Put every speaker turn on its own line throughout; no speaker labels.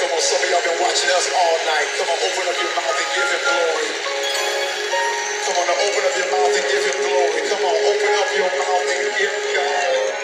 Come on, some of y'all been watching us all night. Come on, open up your mouth and give him glory. Come on, now open up your mouth and give him glory. Come on, open up your mouth and give God.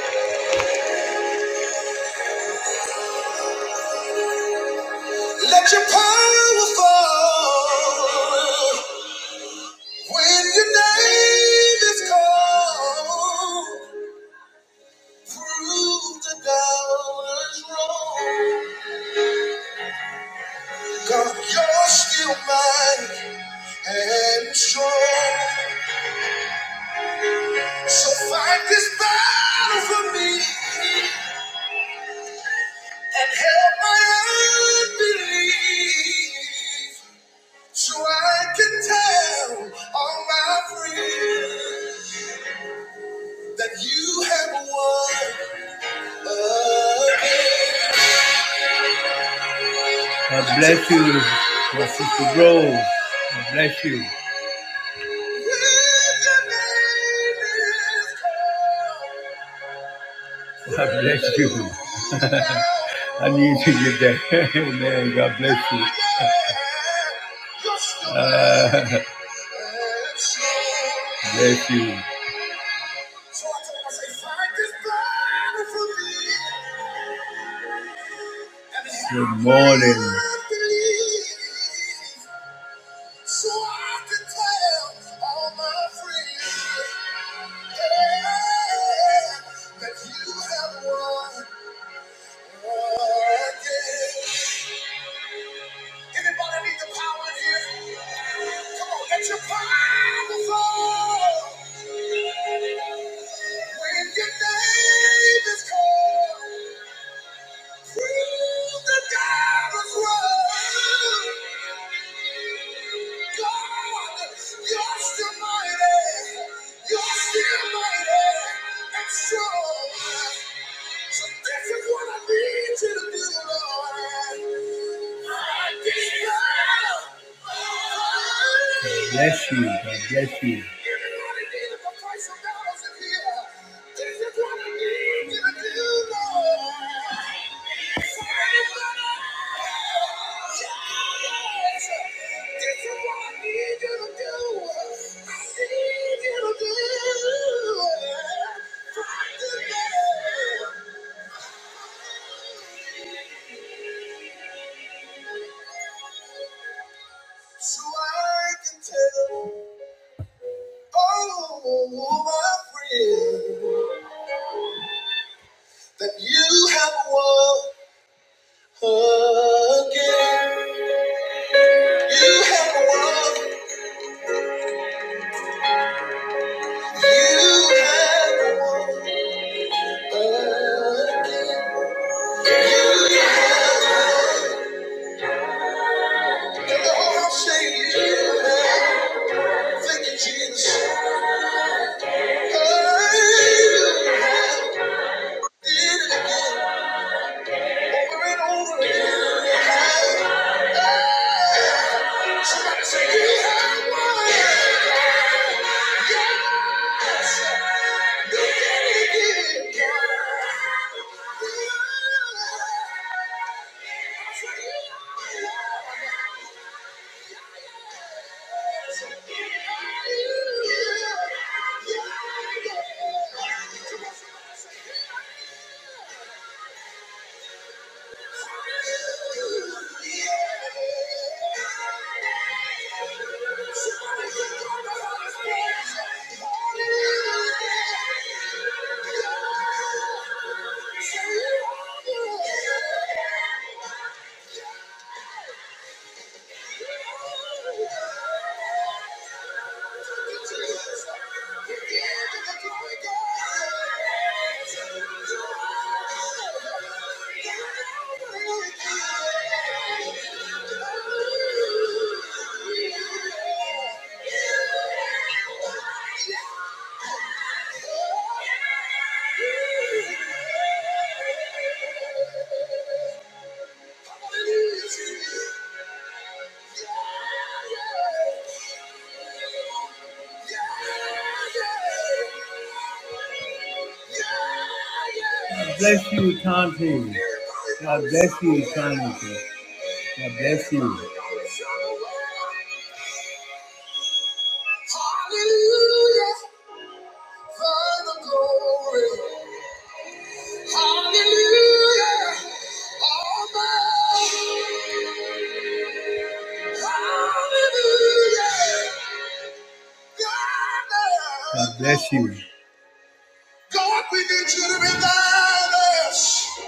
God, we need you to be thine us.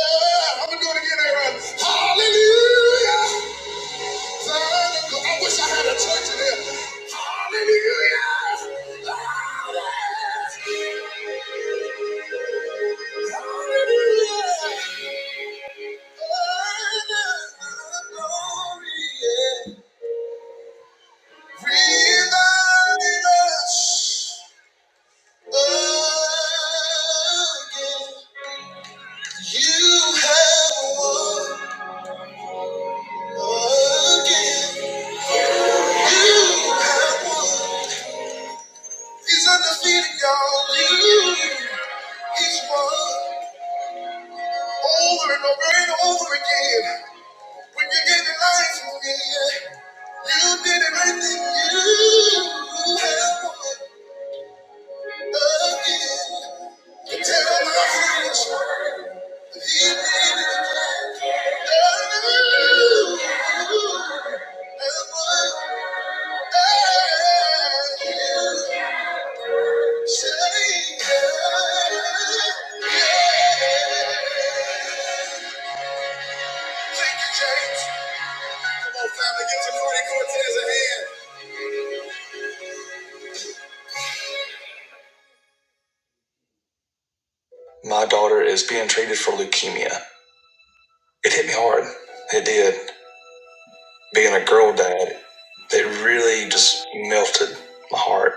Yeah, I'm gonna do it again, Aaron. You have won again. You have won. He's undefeated, y'all. You, he's won over and over and over again. When you gave your life for me, You did everything you have. Come on, family, get your party Cortez a hand. My daughter is being treated for leukemia. It hit me hard. It did. Being a girl dad, it really just melted my heart.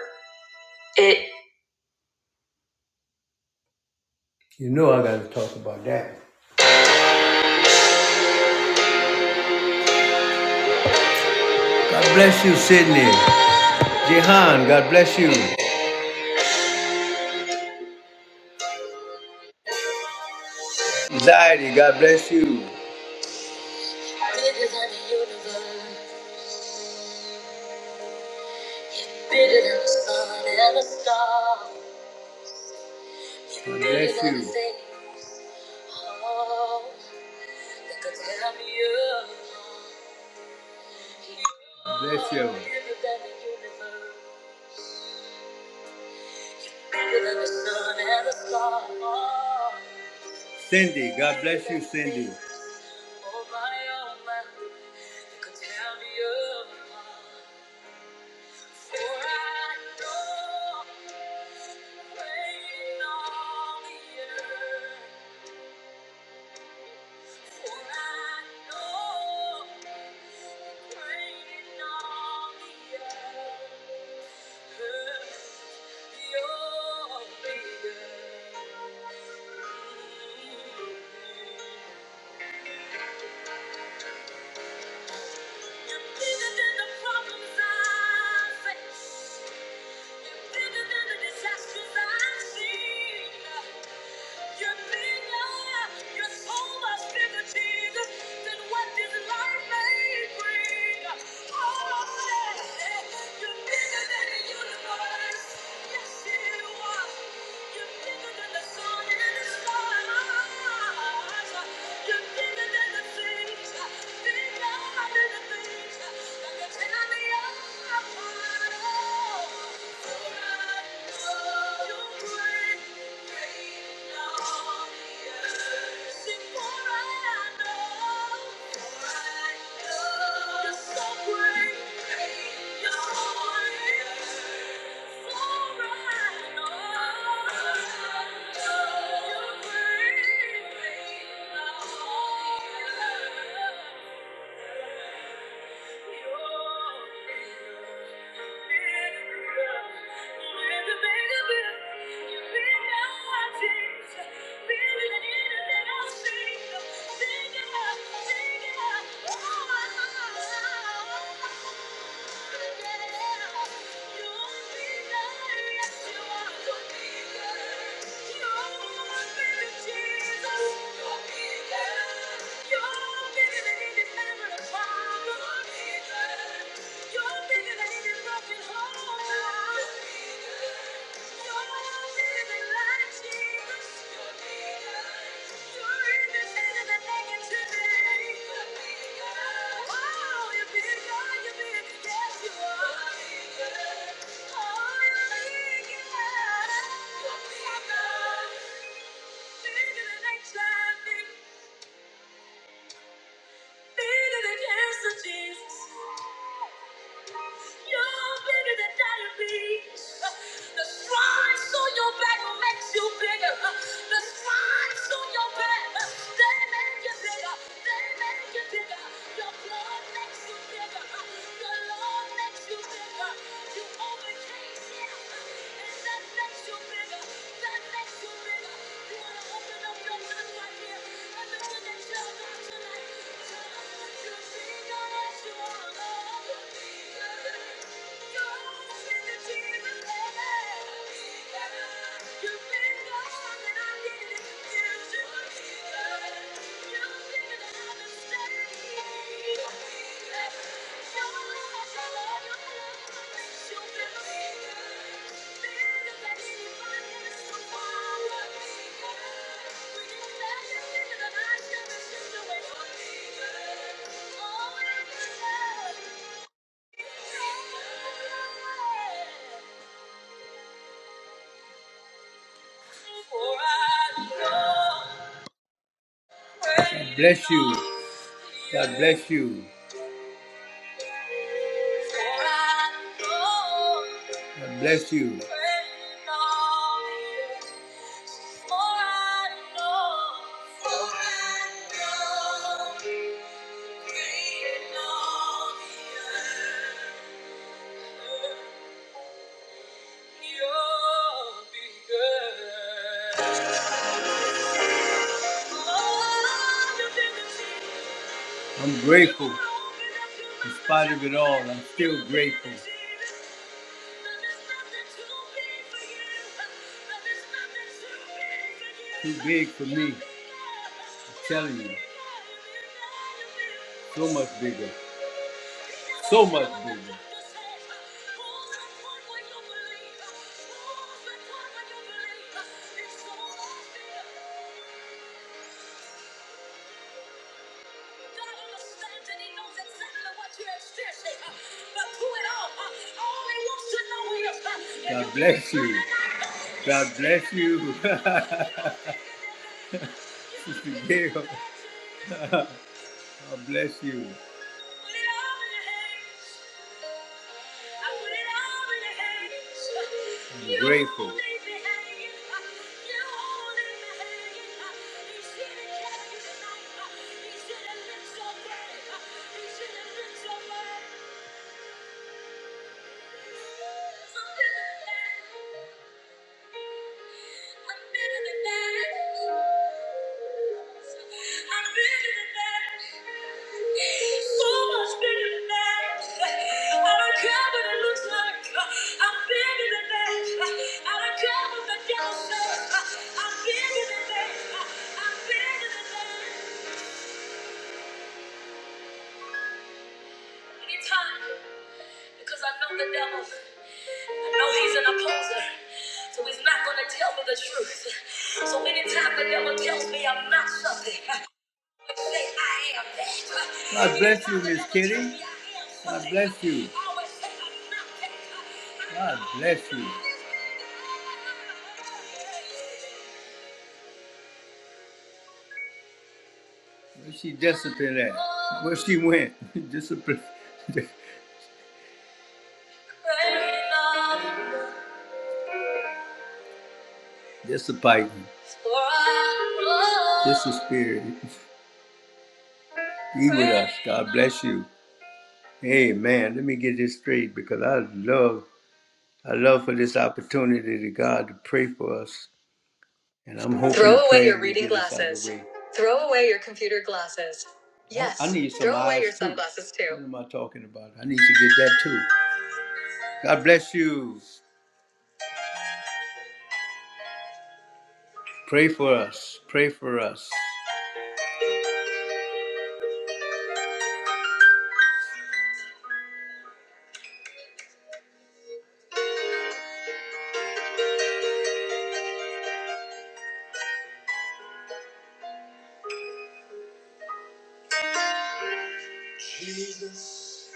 Jesus,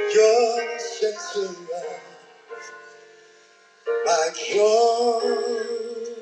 you're the center of my joy.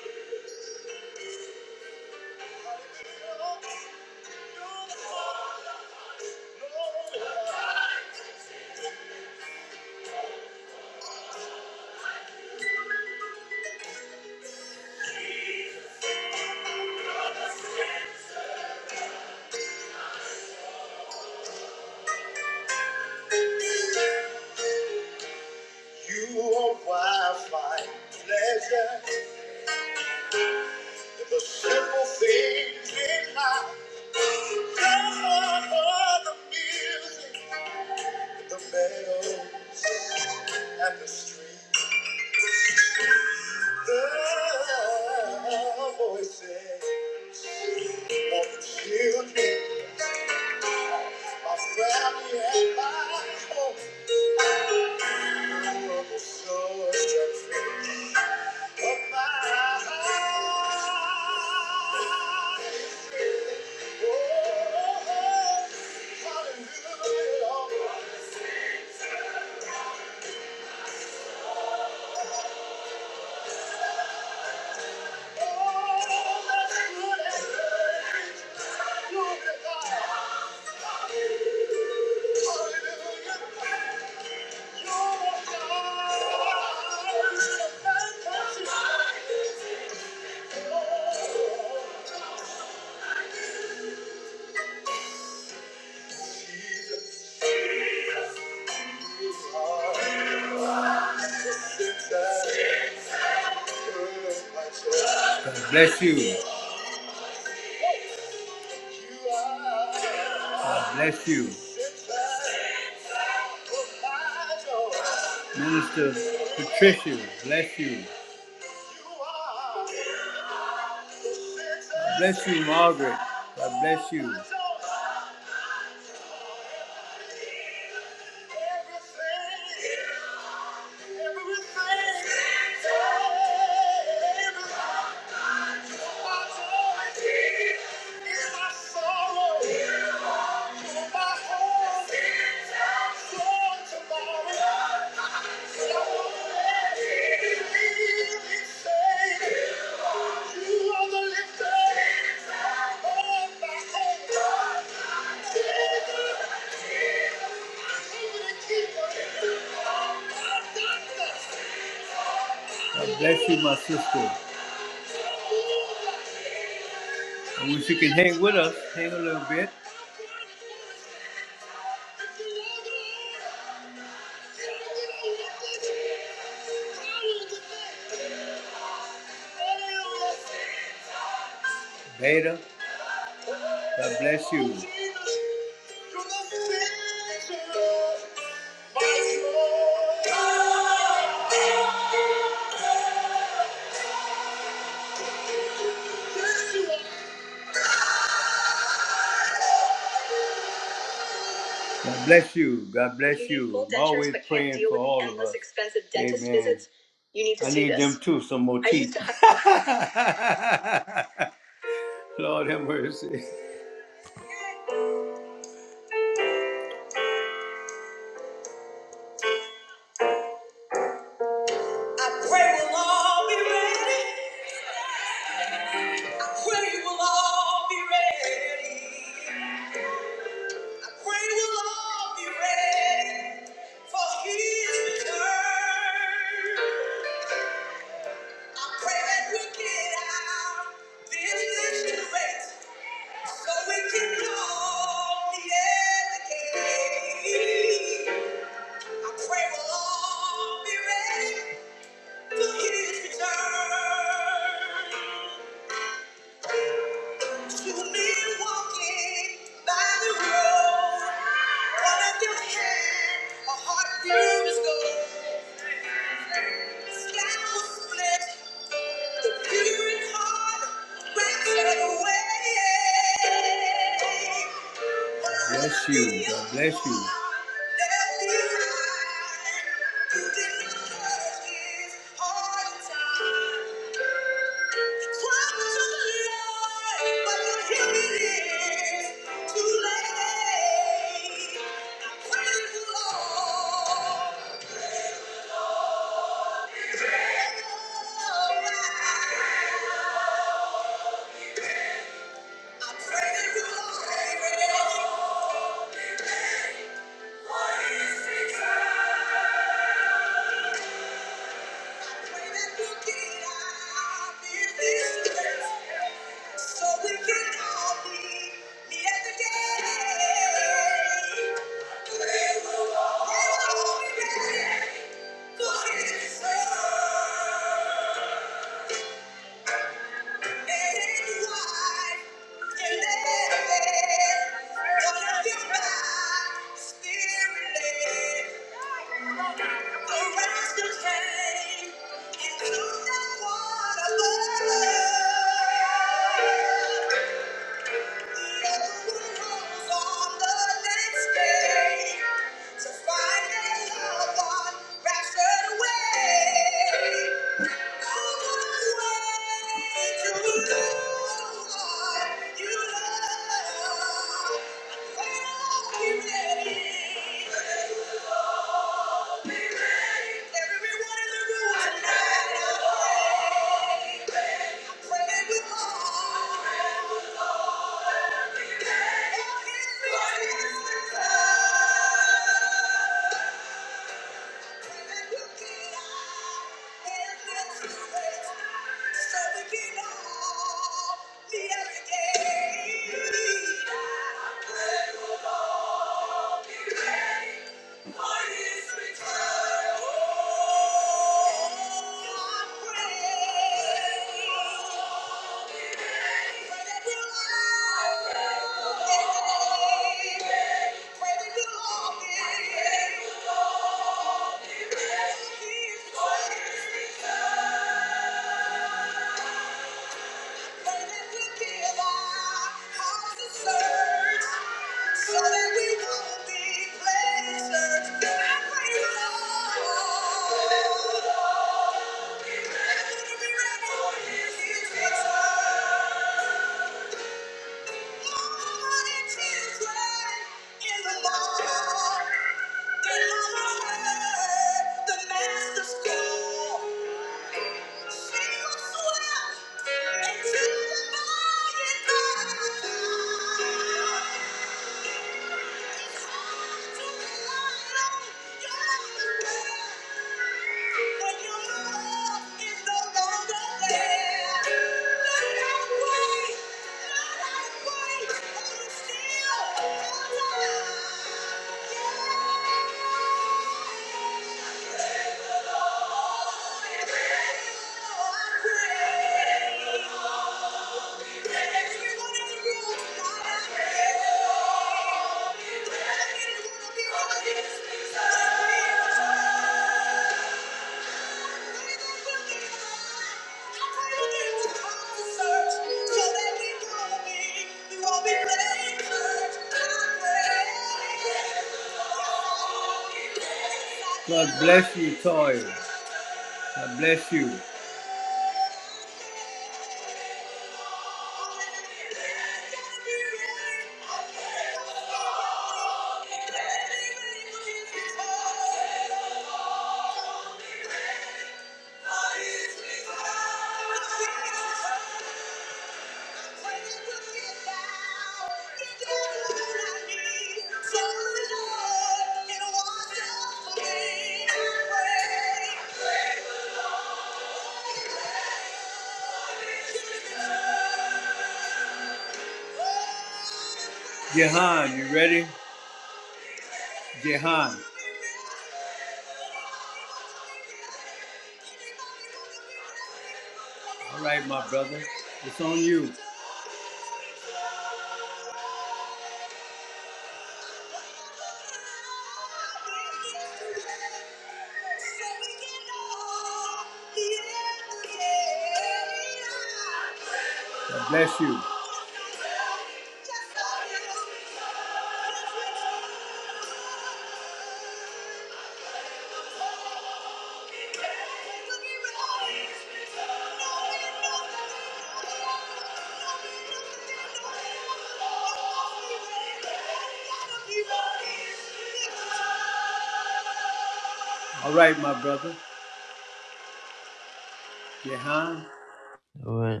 All right.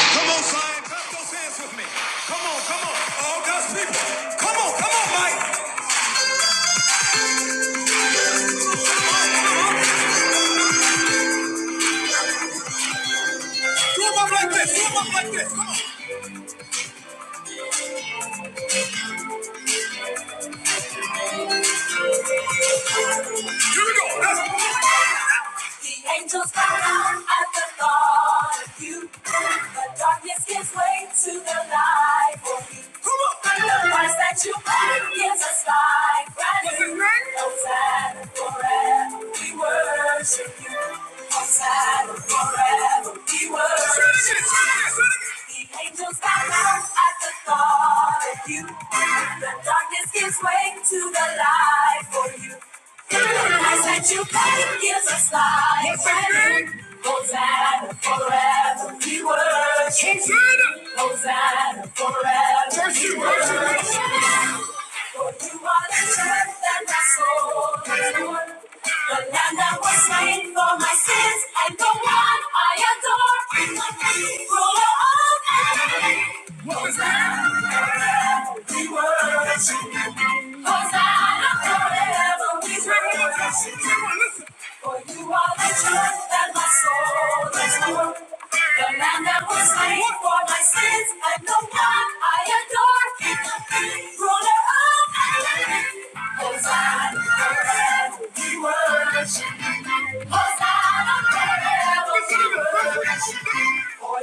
Come on, Zion, clap those hands with me. Come on, come on, all God's people. Come on, come on, Mike. Do them up like this. Do them up like this. Here we go. That's- the angels bow at the thought of you. The darkness gives way to the light for you. Come on. And the price that you pay gives us life brand new. Hosanna forever, we worship you. Hosanna forever, we worship you. The Angels bow down at the thought of you. The darkness gives way to the light for you. The price that you pay gives us life and Hosanna forever we worship. Hosanna, Hosanna forever we worship. For you are the church that my soul is born. The land that was slain for my sins, and the one I adore. Ruler of heaven, Hosanna, forever we worship you. Hosanna forever, we praise you. For you are the church that my soul is born. The land that was slain for my sins, and the one I adore. For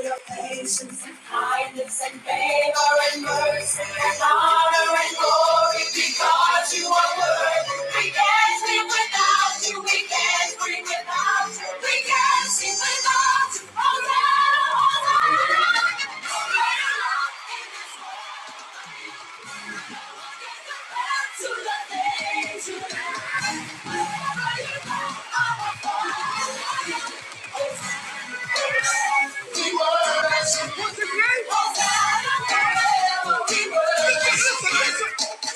your patience and kindness and favor and mercy and honor and glory because you are worthy. We can't live without you. We can't breathe without you. We can't sing without you. Oh, Lord, oh, Lord, oh, Lord.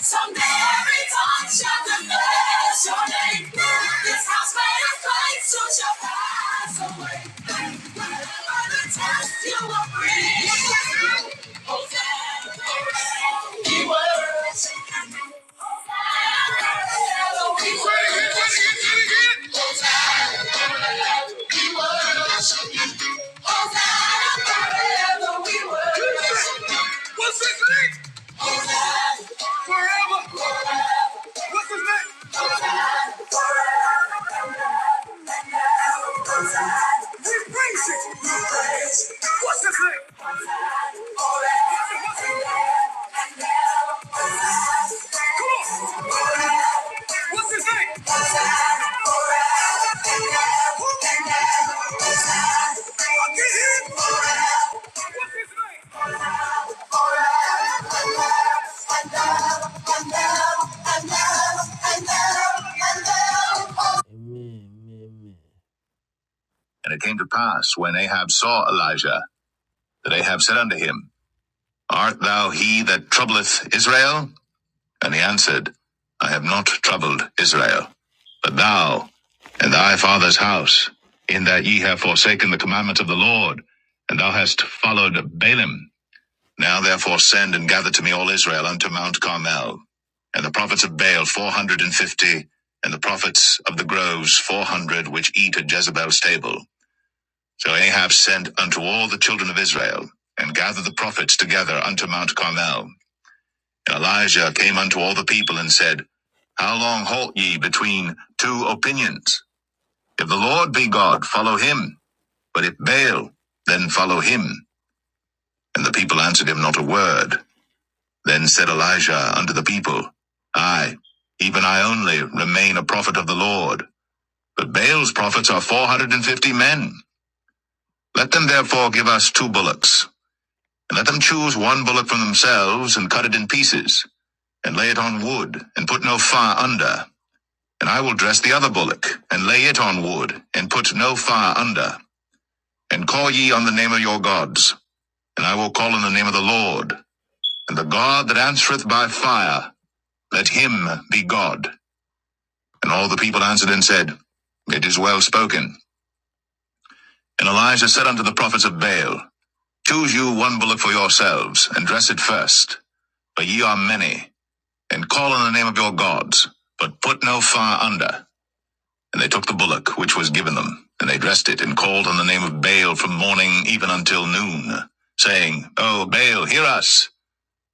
Someday every tongue shall confess your name. This house made a place to Shabbat. What's his name? Forever. What's his name? What's his name? Come on! What's his name? And it came to pass when Ahab saw Elijah that Ahab said unto him, Art thou he that troubleth Israel? And he answered, I have not troubled Israel, but thou and thy father's house, in that ye have forsaken the commandment of the Lord, and thou hast followed Balaam. Now therefore send and gather to me all Israel unto Mount Carmel, and the prophets of Baal four hundred and fifty, and the prophets of the groves four hundred, which eat at Jezebel's table. So Ahab sent unto all the children of Israel, and gathered the prophets together unto Mount Carmel. And Elijah came unto all the people and said, How long halt ye between two opinions? If the Lord be God, follow him. But if Baal, then follow him. And the people answered him not a word. Then said Elijah unto the people, I, even I only, remain a prophet of the Lord. But Baal's prophets are four hundred and fifty men. Let them therefore give us two bullocks, and let them choose one bullock from themselves, and cut it in pieces, and lay it on wood, and put no fire under And I will dress the other bullock, and lay it on wood, and put no fire under. And call ye on the name of your gods. And I will call on the name of the Lord. And the God that answereth by fire, let him be God. And all the people answered and said, It is well spoken. And Elijah said unto the prophets of Baal, Choose you one bullock for yourselves, and dress it first, for ye are many, and call on the name of your gods, but put no fire under. And they took the bullock which was given them, and they dressed it, and called on the name of Baal from morning even until noon, saying, O Baal, hear us!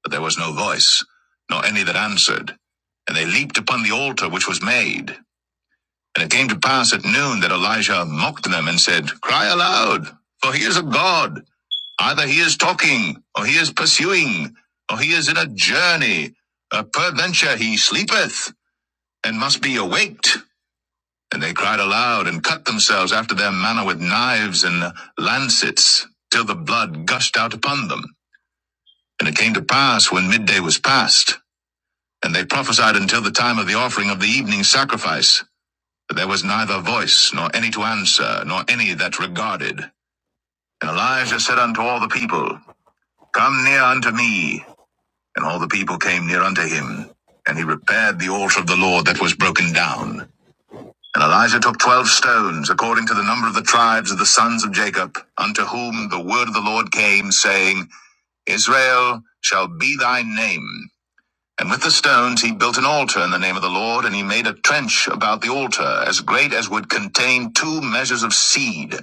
But there was no voice, nor any that answered. And they leaped upon the altar which was made. And it came to pass at noon that Elijah mocked them and said, Cry aloud, for he is a god. Either he is talking, or he is pursuing, or he is in a journey. Uh, peradventure he sleepeth, and must be awaked. And they cried aloud and cut themselves after their manner with knives and lancets, till the blood gushed out upon them. And it came to pass when midday was past, and they prophesied until the time of the offering of the evening sacrifice, that there was neither voice, nor any to answer, nor any that regarded. And Elijah said unto all the people, Come near unto me. And all the people came near unto him. And he repaired the altar of the Lord that was broken down. And Elijah took twelve stones, according to the number of the tribes of the sons of Jacob, unto whom the word of the Lord came, saying, Israel shall be thy name. And with the stones he built an altar in the name of the Lord, and he made a trench about the altar, as great as would contain two measures of seed.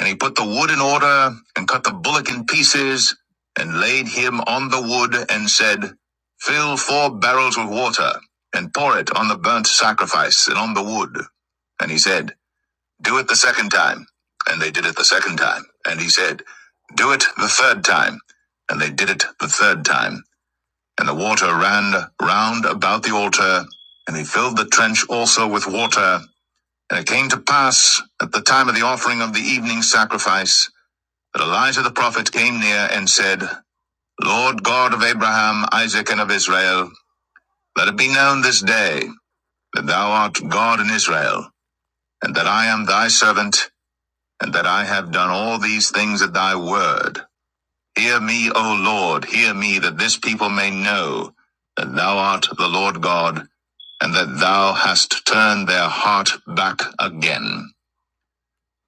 And he put the wood in order, and cut the bullock in pieces, and laid him on the wood, and said, Fill four barrels with water, and pour it on the burnt sacrifice, and on the wood. And he said, do it the second time. And they did it the second time. And he said, Do it the third time. And they did it the third time. And the water ran round about the altar. And they filled the trench also with water. And it came to pass, at the time of the offering of the evening sacrifice, that Elijah the prophet came near and said, Lord God of Abraham, Isaac, and of Israel, let it be known this day that thou art God in Israel, and that I am thy servant, and that I have done all these things at thy word. Hear me, O Lord, hear me, that this people may know that thou art the Lord God, and that thou hast turned their heart back again.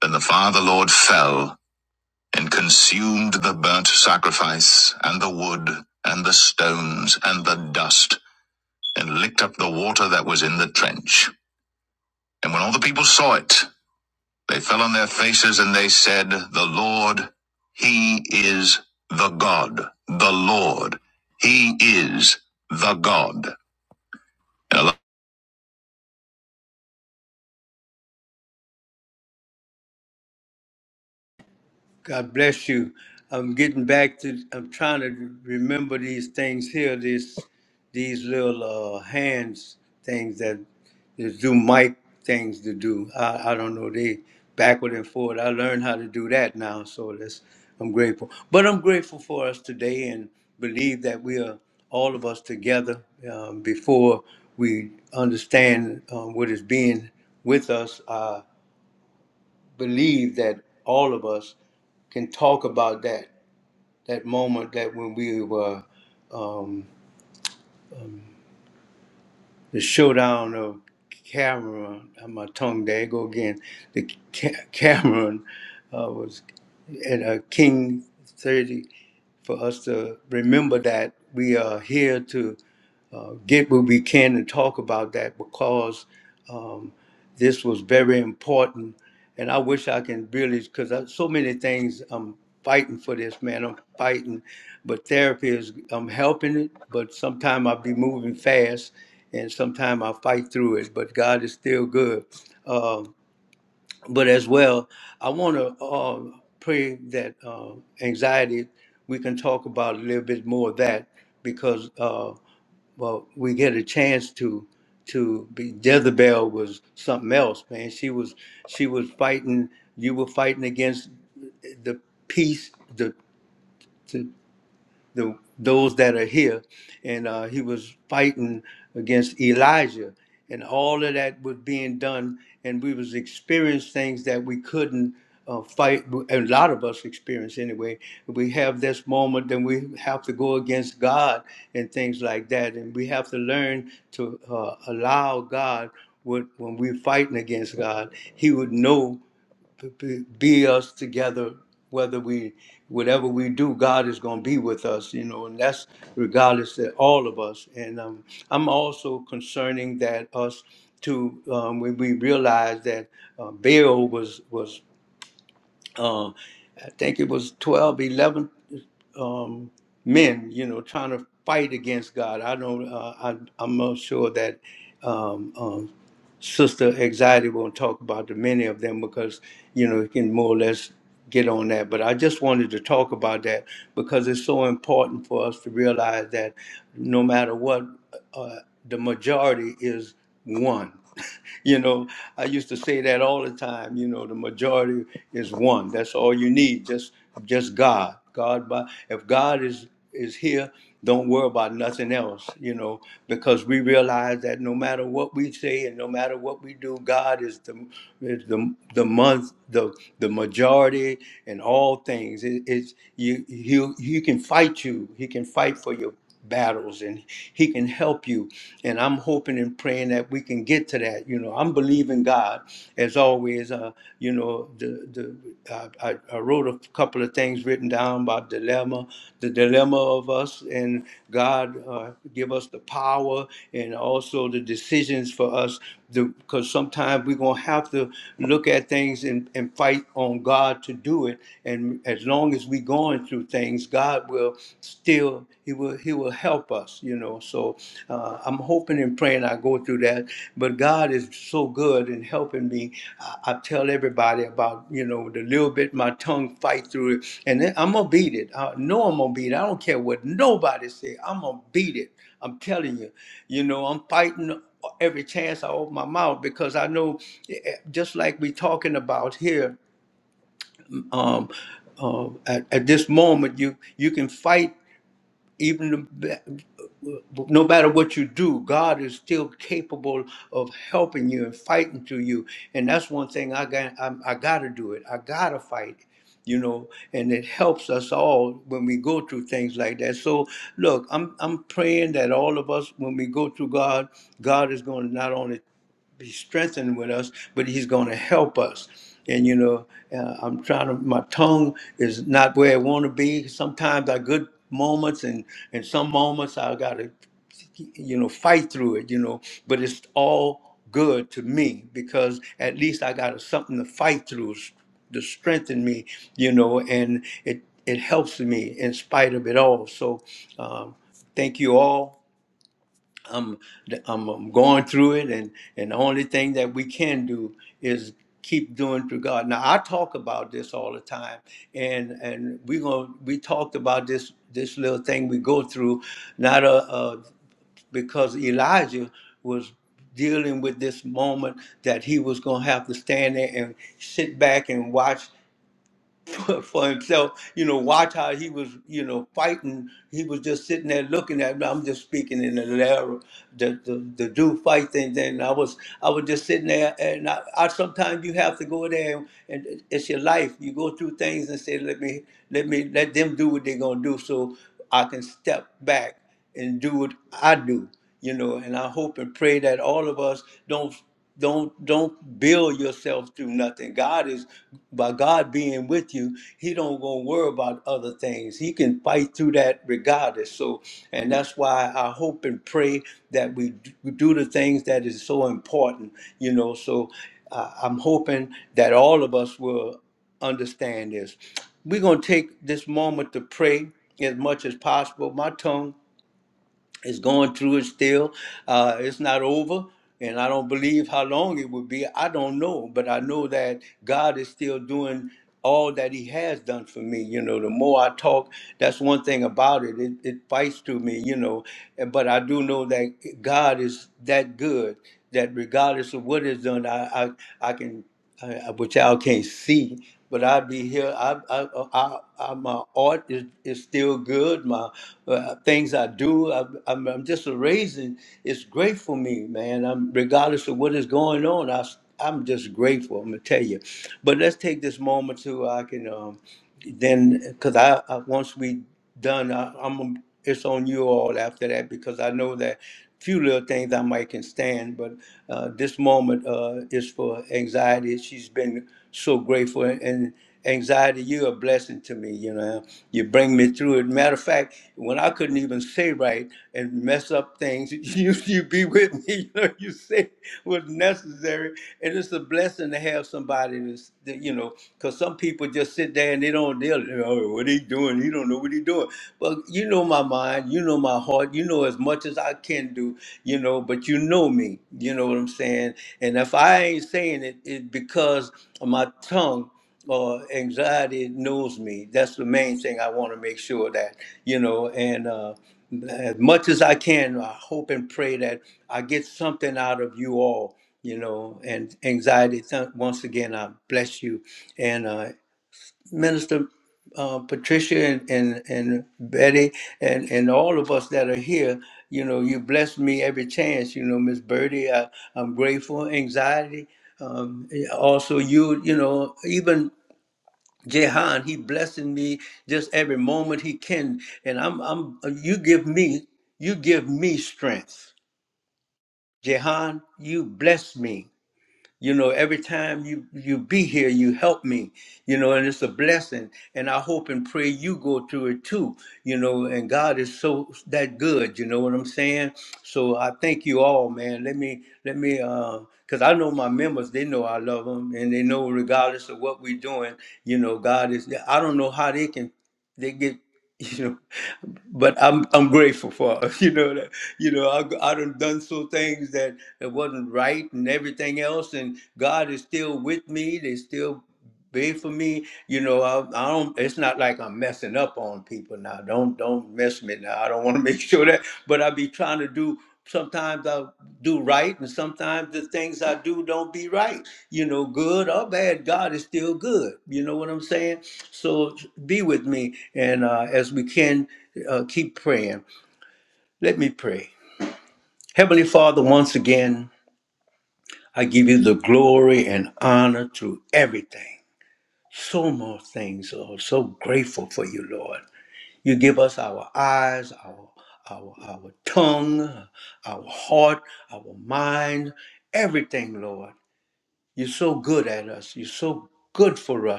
Then the Father Lord fell and consumed the burnt sacrifice, and the wood, and the stones, and the dust, and licked up the water that was in the trench. And when all the people saw it, They fell on their faces and they said, The Lord, He is the God. The Lord, He is the God. Hello?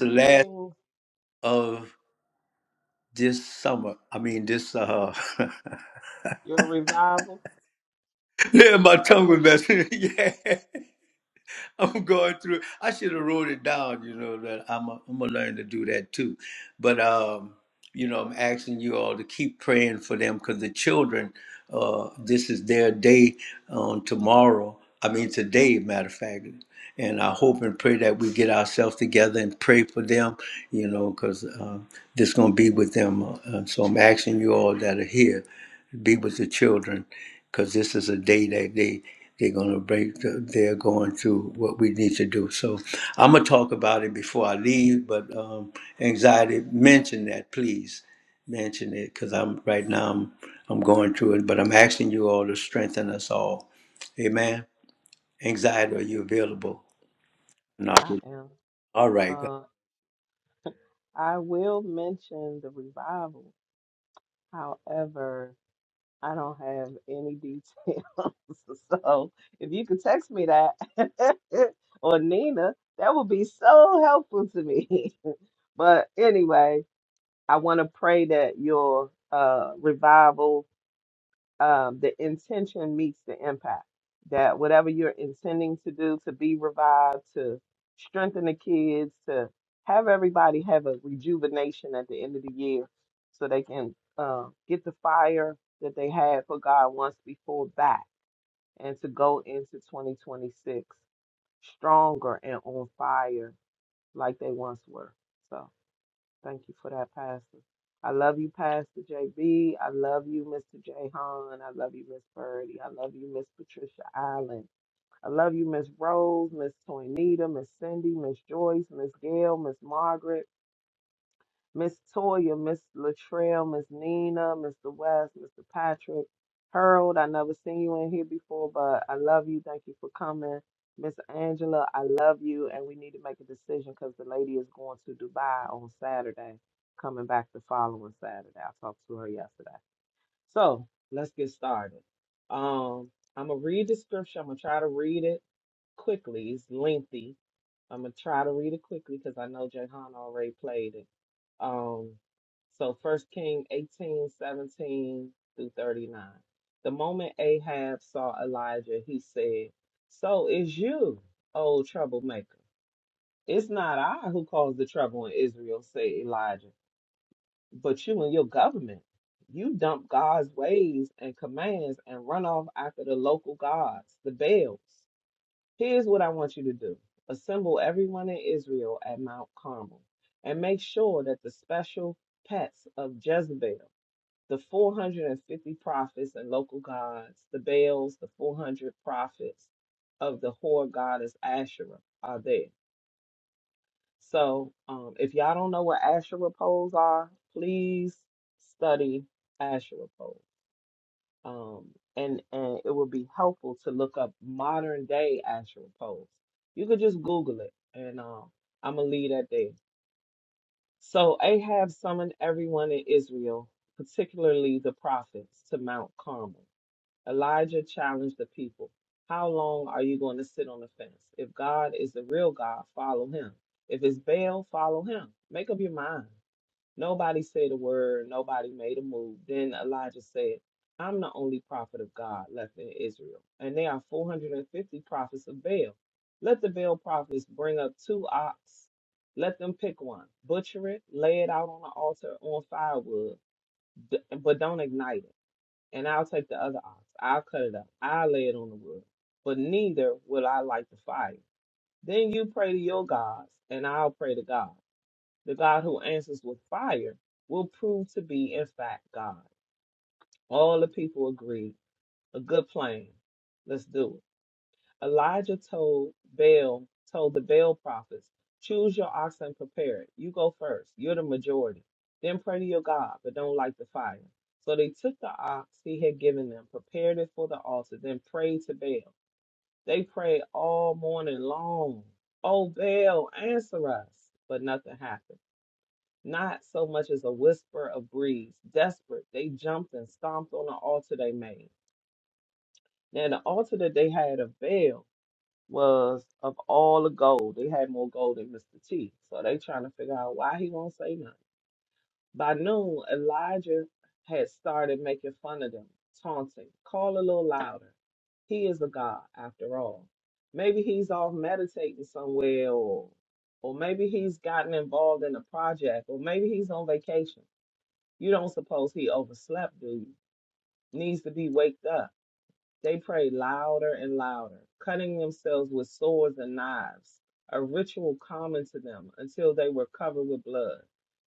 Greetings, your revival. I am. Uh, I will mention the revival. However, I don't have any details. so if you could text me that or Nina, that would be so helpful to me. but anyway, I want to pray that your uh, revival um, the intention meets the impact. That whatever you're intending to do to be revived, to strengthen the kids, to have everybody have a rejuvenation at the end of the year so they can uh, get the fire that they had for God once before back and to go into 2026 stronger and on fire like they once were. So, Thank you for that, Pastor. I love you, Pastor J B. I love you, Mr. Jahan. I love you, Miss Birdie. I love you, Miss Patricia Allen. I love you, Miss Rose, Miss Toinita, Miss Cindy, Miss Joyce, Miss Gail, Miss Margaret. Miss Toya, Miss Latrell, Miss Nina, Mr. West, Mr. Patrick, Harold. I never seen you in here before, but I love you. Thank you for coming. Miss Angela, I love you, and we need to make a decision because the lady is going to Dubai on Saturday, coming back the following Saturday. I talked to her yesterday. So let's get started. Um, I'm gonna read the scripture. I'm gonna try to read it quickly. It's lengthy. I'm gonna try to read it quickly because I know Jahan already played it. Um, so First King 18 17 through 39. The moment Ahab saw Elijah, he said, So is you, old troublemaker. It's not I who caused the trouble in Israel, said Elijah, but you and your government. You dump God's ways and commands and run off after the local gods, the Baals. Here's what I want you to do assemble everyone in Israel at Mount Carmel, and make sure that the special pets of Jezebel, the 450 prophets and local gods, the Baals, the 400 prophets of the whore goddess Asherah, are there. So um, if y'all don't know what Asherah poles are, please study Asherah poles um, and and it would be helpful to look up modern day Asherah poles. You could just Google it, and um, I'm gonna leave that there. So Ahab summoned everyone in Israel, particularly the prophets, to Mount Carmel. Elijah challenged the people: How long are you going to sit on the fence? If God is the real God, follow Him. If it's Baal, follow Him. Make up your mind. Nobody said a word. Nobody made a move. Then Elijah said, I'm the only prophet of God left in Israel, and there are 450 prophets of Baal. Let the Baal prophets bring up two ox. Let them pick one, butcher it, lay it out on the altar on firewood, d- but don't ignite it. And I'll take the other ox. I'll cut it up. I'll lay it on the wood, but neither will I light the fire. Then you pray to your gods, and I'll pray to God the God who answers with fire, will prove to be, in fact, God. All the people agreed. A good plan. Let's do it. Elijah told Baal, told the Baal prophets, choose your ox and prepare it. You go first. You're the majority. Then pray to your God, but don't light the fire. So they took the ox he had given them, prepared it for the altar, then prayed to Baal. They prayed all morning long. Oh, Baal, answer us. But nothing happened not so much as a whisper of breeze. Desperate, they jumped and stomped on the altar they made. Now, the altar that they had of Baal was of all the gold. They had more gold than Mr. T. So they trying to figure out why he won't say nothing. By noon, Elijah had started making fun of them, taunting, call a little louder. He is a god, after all. Maybe he's off meditating somewhere or or maybe he's gotten involved in a project, or maybe he's on vacation you don't suppose he overslept, do you? Needs to be waked up. They prayed louder and louder, cutting themselves with swords and knives, a ritual common to them until they were covered with blood.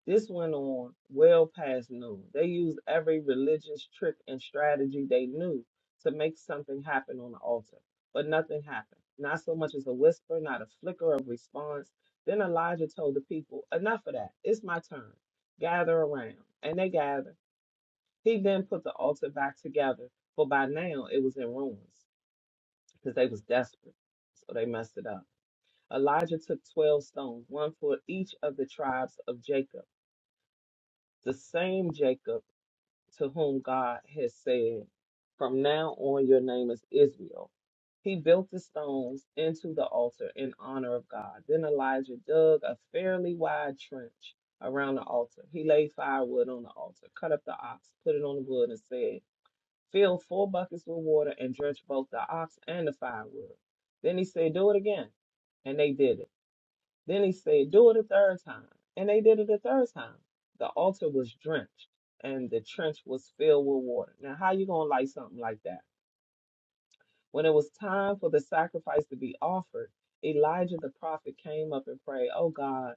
This went on well past noon. They used every religious trick and strategy they knew to make something happen on the altar, but nothing happened. Not so much as a whisper, not a flicker of response. Then Elijah told the people, Enough of that. It's my turn gather around. And they gathered, he then put the altar back together, for by now it was in ruins, because they was desperate, so they messed it up. Elijah took twelve stones, one for each of the tribes of Jacob, the same Jacob to whom God had said, "From now on, your name is Israel." He built the stones into the altar in honor of God. Then Elijah dug a fairly wide trench around the altar. He laid firewood on the altar, cut up the ox, put it on the wood, and said. Fill four buckets with water and drench both the ox and the firewood. Then he said, Do it again. And they did it. Then he said, Do it a third time. And they did it a third time. The altar was drenched and the trench was filled with water. Now, how you going to light something like that? When it was time for the sacrifice to be offered, Elijah the prophet came up and prayed, Oh God,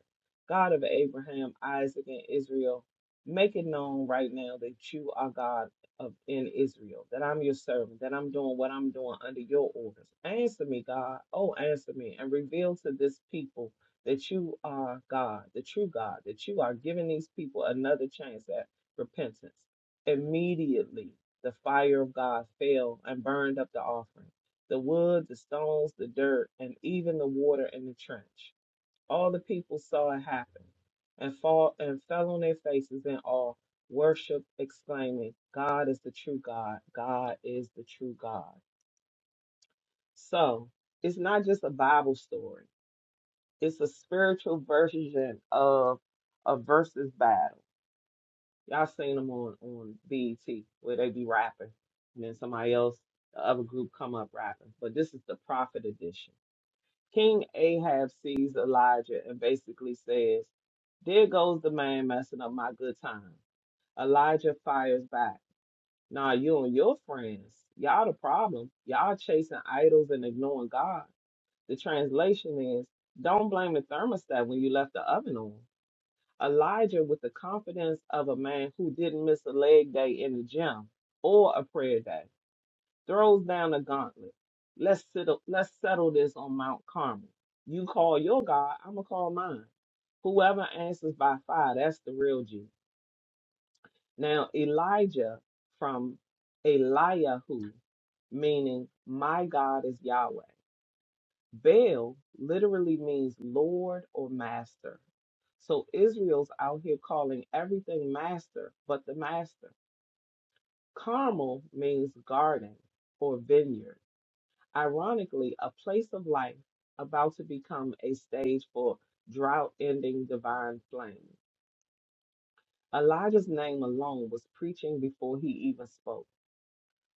God of Abraham, Isaac, and Israel, make it known right now that you are God of in Israel, that I'm your servant, that I'm doing what I'm doing under your orders. Answer me, God. Oh, answer me and reveal to this people that you are God, the true God, that you are giving these people another chance at repentance immediately the fire of God fell and burned up the offering, the wood, the stones, the dirt, and even the water in the trench. All the people saw it happen and fall and fell on their faces in awe, worship, exclaiming, God is the true God. God is the true God. So it's not just a Bible story. It's a spiritual version of a versus battle Y'all seen them on on BET where they be rapping, and then somebody else, the other group come up rapping. But this is the prophet edition. King Ahab sees Elijah and basically says, "There goes the man messing up my good time." Elijah fires back. Nah, you and your friends, y'all the problem. Y'all chasing idols and ignoring God. The translation is, "Don't blame the thermostat when you left the oven on." Elijah, with the confidence of a man who didn't miss a leg day in the gym or a prayer day, throws down a gauntlet. Let's settle, let's settle this on Mount Carmel. You call your God, I'm going to call mine. Whoever answers by fire, that's the real G. Now, Elijah from Eliahu, meaning my God is Yahweh. Baal literally means Lord or Master. So Israel's out here calling everything master but the master. Carmel means garden or vineyard. Ironically, a place of life about to become a stage for drought ending divine flame. Elijah's name alone was preaching before he even spoke.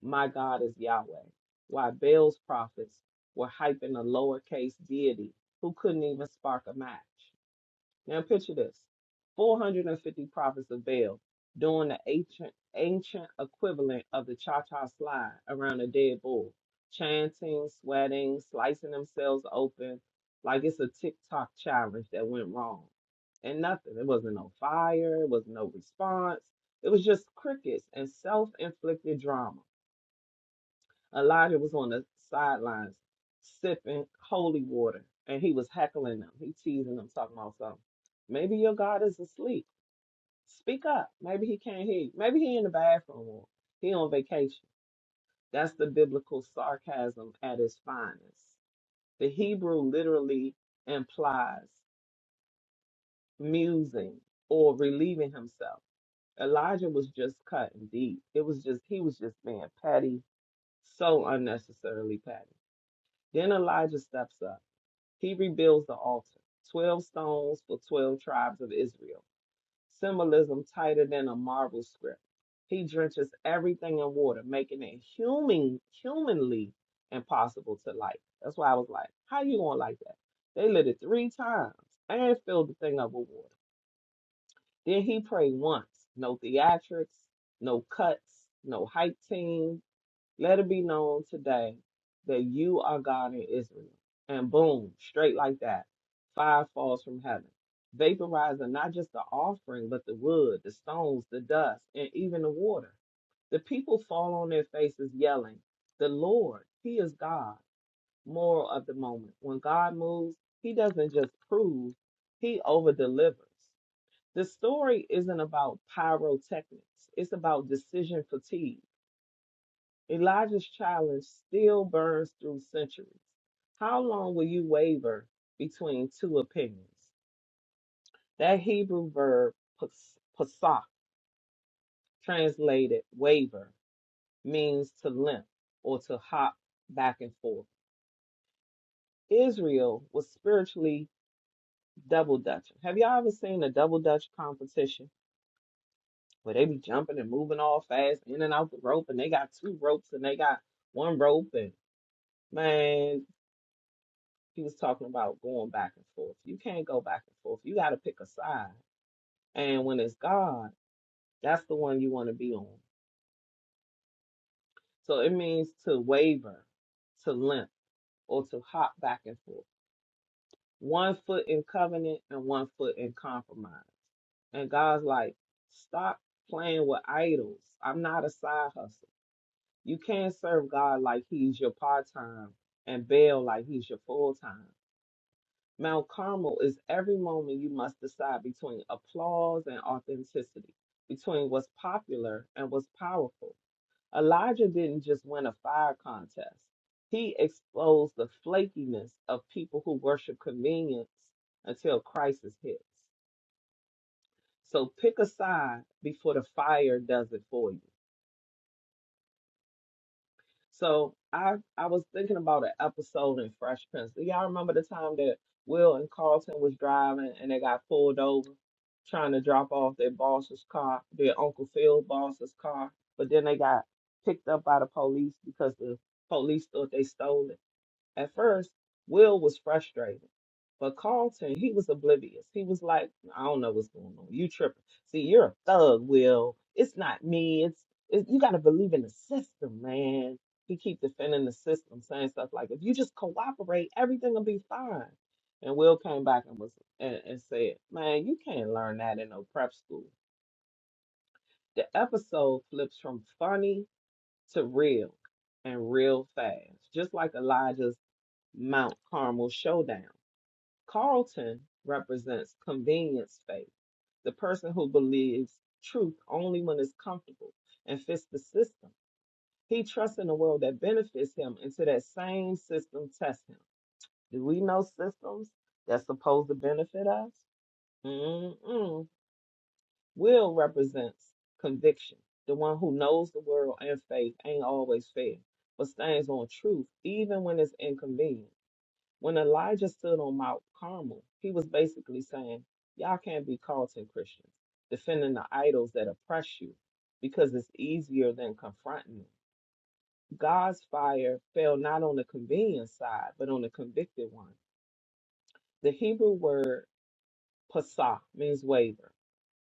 My God is Yahweh. Why Baal's prophets were hyping a lowercase deity who couldn't even spark a match. Now picture this: 450 prophets of Baal doing the ancient ancient equivalent of the cha-cha slide around a dead bull, chanting, sweating, slicing themselves open, like it's a TikTok challenge that went wrong. And nothing. It wasn't no fire. It was no response. It was just crickets and self-inflicted drama. Elijah was on the sidelines sipping holy water and he was heckling them. He teasing them, talking about something. Maybe your God is asleep. Speak up. Maybe he can't hear you. Maybe he in the bathroom or he on vacation. That's the biblical sarcasm at its finest. The Hebrew literally implies musing or relieving himself. Elijah was just cutting deep. It was just he was just being petty, so unnecessarily petty. Then Elijah steps up. He rebuilds the altar, 12 stones for 12 tribes of Israel, symbolism tighter than a marble script. He drenches everything in water, making it human, humanly impossible to light. That's why I was like, how you gonna light that? They lit it three times and filled the thing up with water. Then he prayed once, no theatrics, no cuts, no hype team, let it be known today that you are God in Israel. And boom, straight like that, fire falls from heaven, vaporizing not just the offering, but the wood, the stones, the dust, and even the water. The people fall on their faces yelling, The Lord, He is God. Moral of the moment. When God moves, He doesn't just prove, He over delivers. The story isn't about pyrotechnics, it's about decision fatigue. Elijah's challenge still burns through centuries. How long will you waver between two opinions? That Hebrew verb pas- pasak, translated waver, means to limp or to hop back and forth. Israel was spiritually double dutching. Have y'all ever seen a double dutch competition where they be jumping and moving all fast in and out the rope and they got two ropes and they got one rope and man He was talking about going back and forth. You can't go back and forth. You got to pick a side. And when it's God, that's the one you want to be on. So it means to waver, to limp, or to hop back and forth. One foot in covenant and one foot in compromise. And God's like, stop playing with idols. I'm not a side hustle. You can't serve God like he's your part time and Baal like he's your full time. Mount Carmel is every moment you must decide between applause and authenticity, between what's popular and what's powerful. Elijah didn't just win a fire contest, he exposed the flakiness of people who worship convenience until crisis hits. So pick a side before the fire does it for you. So I I was thinking about an episode in Fresh Prince. Do y'all remember the time that Will and Carlton was driving and they got pulled over trying to drop off their boss's car, their Uncle Phil boss's car, but then they got picked up by the police because the police thought they stole it. At first, Will was frustrated, but Carlton, he was oblivious. He was like, I don't know what's going on. You tripping. See, you're a thug, Will. It's not me. It's, it, you got to believe in the system, man. He keep defending the system, saying stuff like, if you just cooperate, everything will be fine. And Will came back and was and, and said, man, you can't learn that in no prep school. The episode flips from funny to real and real fast, just like Elijah's Mount Carmel Showdown. Carlton represents convenience faith, the person who believes truth only when it's comfortable and fits the system. He trusts in a world that benefits him until that same system tests him. Do we know systems that's supposed to benefit us? Mm-mm. Will represents conviction. The one who knows the world and faith ain't always fair, but stands on truth even when it's inconvenient. When Elijah stood on Mount Carmel, he was basically saying, Y'all can't be Carlton Christians, defending the idols that oppress you, because it's easier than confronting them. God's fire fell not on the convenient side, but on the convicted one. The Hebrew word pasah means waver,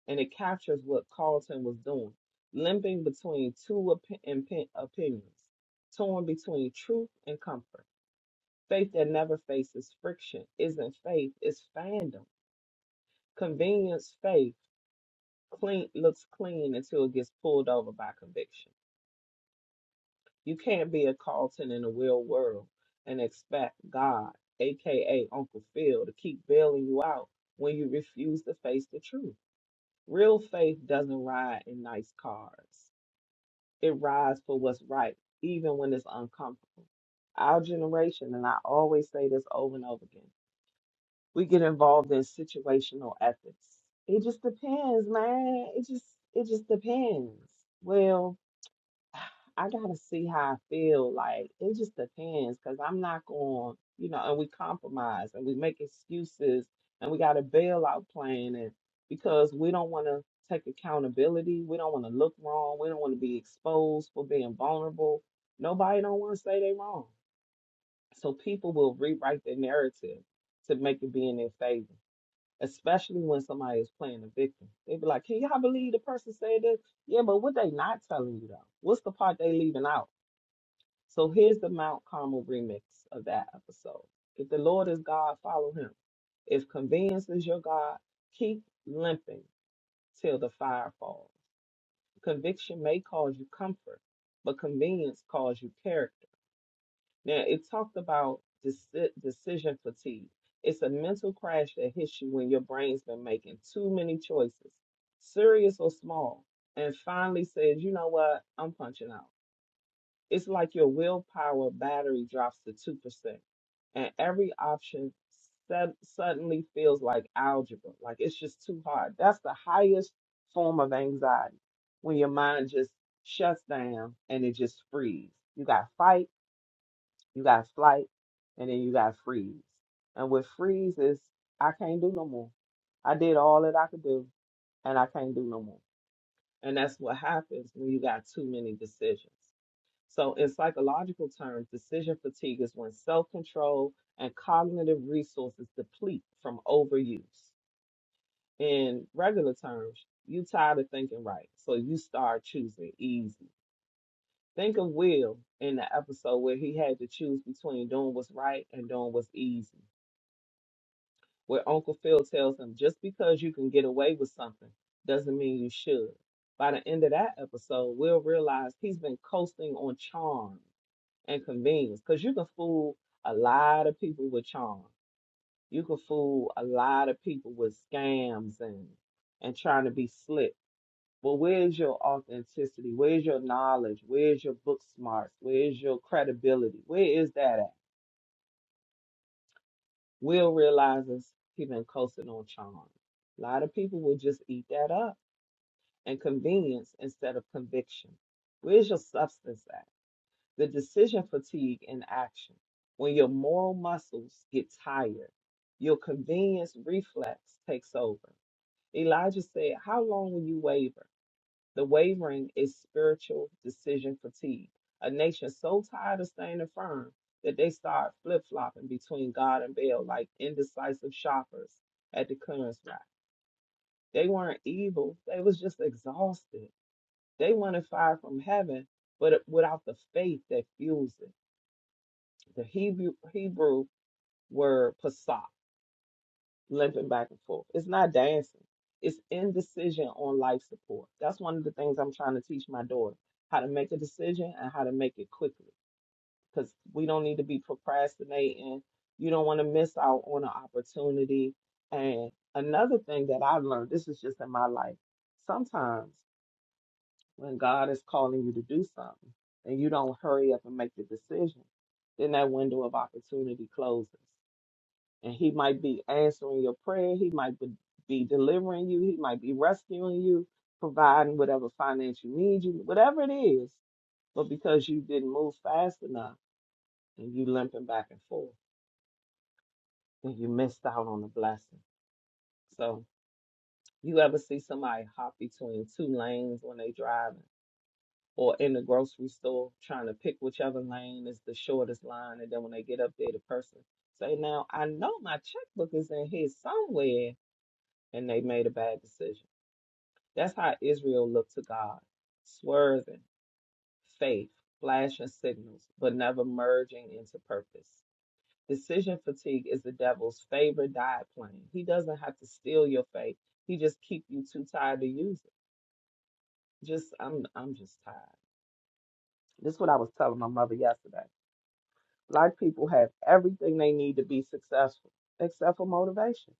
and it captures what Carlton was doing, limping between two op- impe- opinions, torn between truth and comfort. Faith that never faces friction isn't faith, it's fandom Convenience faith clean looks clean until it gets pulled over by conviction. You can't be a Carlton in a real world and expect God, aka Uncle Phil, to keep bailing you out when you refuse to face the truth. Real faith doesn't ride in nice cars. It rides for what's right, even when it's uncomfortable. Our generation, and I always say this over and over again we get involved in situational ethics. It just depends, man. It just it just depends. Well, I gotta see how I feel. Like it just depends, cause I'm not going, you know. And we compromise and we make excuses and we got a bailout plan, and because we don't want to take accountability, we don't want to look wrong, we don't want to be exposed for being vulnerable. Nobody don't want to say they wrong, so people will rewrite their narrative to make it be in their favor especially when somebody is playing the victim. They be like, "Can y'all believe the person said this?" Yeah, but what they not telling you though? What's the part they leaving out? So here's the Mount Carmel remix of that episode. If the Lord is God, follow Him. If convenience is your God, keep limping till the fire falls. Conviction may cause you comfort, but convenience calls you character. Now, it talked about deci- decision fatigue. It's a mental crash that hits you when your brain's been making too many choices, serious or small, and finally says, you know what, I'm punching out. It's like your willpower battery drops to 2%, and every option sud- suddenly feels like algebra, like it's just too hard. That's the highest form of anxiety when your mind just shuts down and it just frees. You got fight you got flight, and then you got freeze. And with freeze is I can't do no more. I did all that I could do, and I can't do no more. And that's what happens when you got too many decisions. So, in psychological terms, decision fatigue is when self control and cognitive resources deplete from overuse. In regular terms, you tired of thinking right, so you start choosing easy. Think of Will in the episode where he had to choose between doing what's right and doing what's easy, where Uncle Phil tells him just because you can get away with something doesn't mean you should. By the end of that episode, Will realized he's been coasting on charm and convenience because you can fool a lot of people with charm. You can fool a lot of people with scams and and trying to be slick but where's your authenticity? Where's your knowledge? Where's your book smarts? Where's your credibility? Where is that at? Will realizes he been coasting on charm. A lot of people will just eat that up and convenience instead of conviction. Where's your substance at? The decision fatigue in action. When your moral muscles get tired, your convenience reflex takes over. Elijah said, How long will you waver? The wavering is spiritual decision fatigue, a nation so tired of standing firm that they start flip flopping between God and Baal like indecisive shoppers at the clearance rack. They weren't evil, they was just exhausted. They wanted fire from heaven, but without the faith that fuels it. The Hebrew, Hebrew word pasah limping back and forth. It's not dancing. It's indecision on life support. That's one of the things I'm trying to teach my daughter how to make a decision and how to make it quickly because we don't need to be procrastinating. You don't want to miss out on an opportunity. And another thing that I've learned, this is just in my life, sometimes when God is calling you to do something and you don't hurry up and make the decision, then that window of opportunity closes and he might be answering your prayer. He might be be delivering you. He might be rescuing you, providing whatever finance you need, you whatever it is. But because you didn't move fast enough and you limping back and forth, then you missed out on the blessing. So you ever see somebody hop between two lanes when they driving or in the grocery store trying to pick whichever lane is the shortest line and then when they get up there the person say, Now I know my checkbook is in here somewhere and they made a bad decision That's how Israel looked to God, swerving, faith, flashing signals, but never merging into purpose. Decision fatigue is the devil's favorite diet plan. He doesn't have to steal your faith. He just keep you too tired to use it. Just I'm I'm just tired. This is what I was telling my mother yesterday. Black people have everything they need to be successful, except for motivation.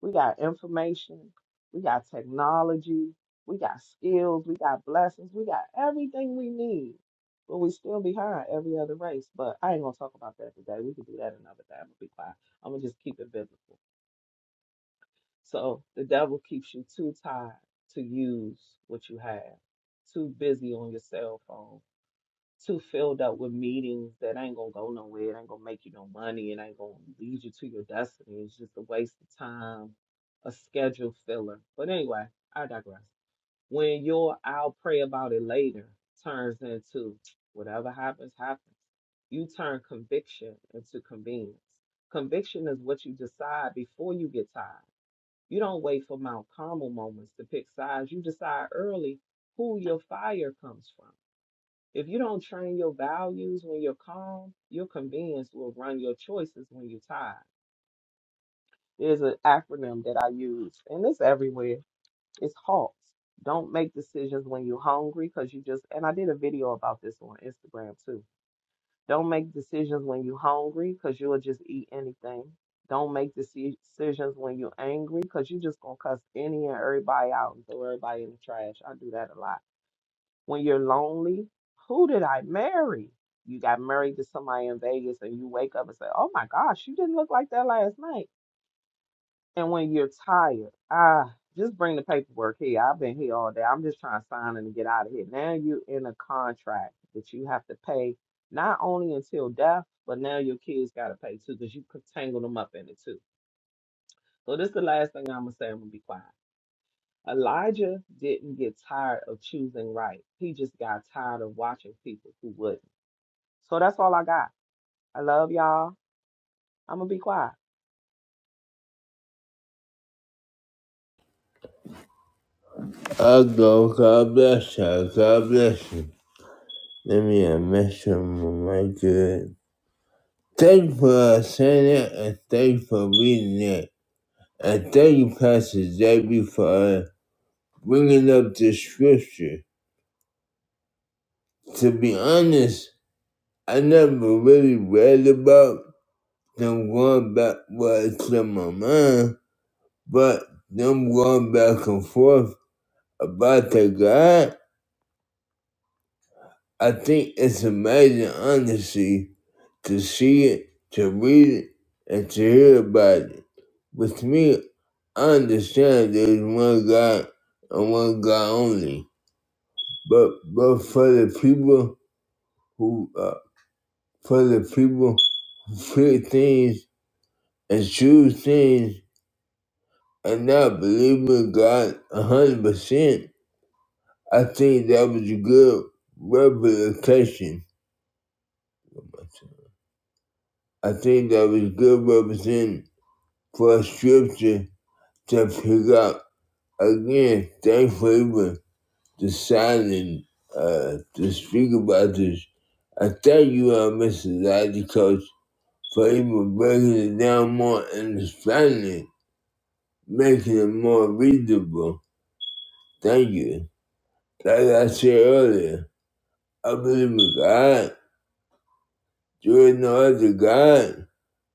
We got information. We got technology. We got skills. We got blessings. We got everything we need. But we still behind every other race. But I ain't gonna talk about that today. We can do that another day. I'm gonna be quiet. I'm gonna just keep it biblical. So the devil keeps you too tied to use what you have, too busy on your cell phone, too filled up with meetings that ain't gonna go nowhere, it ain't gonna make you no money, it ain't gonna lead you to your destiny. It's just a waste of time, a schedule filler. But anyway, I digress. When your I'll pray about it later turns into whatever happens, happens, you turn conviction into convenience. Conviction is what you decide before you get tired. You don't wait for Mount Carmel moments to pick sides. You decide early who your fire comes from. If you don't train your values when you're calm, your convenience will run your choices when you're tired. There's an acronym that I use, and it's everywhere. It's HALT. Don't make decisions when you're hungry because you just, and I did a video about this on Instagram too. Don't make decisions when you're hungry because you'll just eat anything. Don't make deci- decisions when you're angry because you're just going to cuss any and everybody out and throw everybody in the trash. I do that a lot when you're lonely, who did I marry? You got married to somebody in Vegas and you wake up and say, oh my gosh, you didn't look like that last night. And when you're tired, ah, just bring the paperwork here. I've been here all day. I'm just trying to sign and get out of here. Now you're in a contract that you have to pay not only until death, but now your kids got to pay too because you could tangle them up in it too. So this is the last thing I'm going to say. I'm going to be quiet. Elijah didn't get tired of choosing right. He just got tired of watching people who wouldn't. So that's all I got. I love y'all. I'm gonna be quiet.
I'll go. God bless you. God bless you. Let me a message from my good. Thank you for saying it and thank you for reading it. And thank you, Pastor JB, for bringing up the scripture. To be honest, I never really read about Them going back was to my mind, but them going back and forth about the God, I think it's amazing, honestly, to see it, to read it, and to hear about it. With me, I understand there's one God and one God only. But but for the people who uh, for the people who pick things and choose things and I believe in God a hundred percent. I think that was a good representation. I think that was good representation for a scripture to pick up. Again, thanks for even deciding uh, to speak about this. I thank you, uh, Mr. Lottie Coach, for even breaking it down more and expanding it, making it more readable. Thank you. Like I said earlier. I believe in God. There is no other God.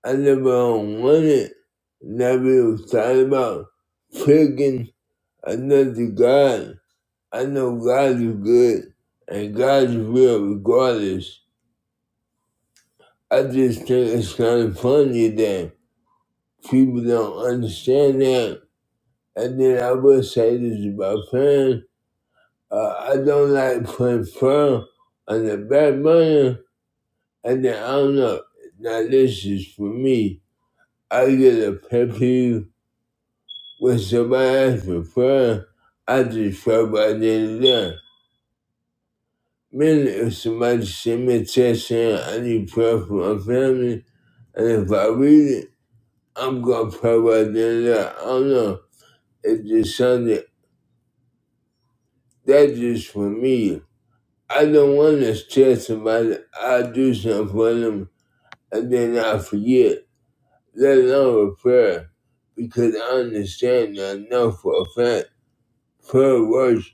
I never wanted, never was thought about picking another God. I know God is good and God is real regardless. I just think it's kind of funny that people don't understand that. And then I will say this about praying. Uh, I don't like putting prayer on the back burner. And then I don't know. Now this is for me. I get a pet peeve when somebody asks me prayer. I just pray by the end of the day. Meaning, if somebody send me a text saying I need prayer for my family, and if I read it, I'm gonna pray by the end of the day. I don't know. It just sounded that's just for me. I don't want to tell somebody I do something for them and then I forget, let alone a prayer, because I understand that I know for a fact prayer works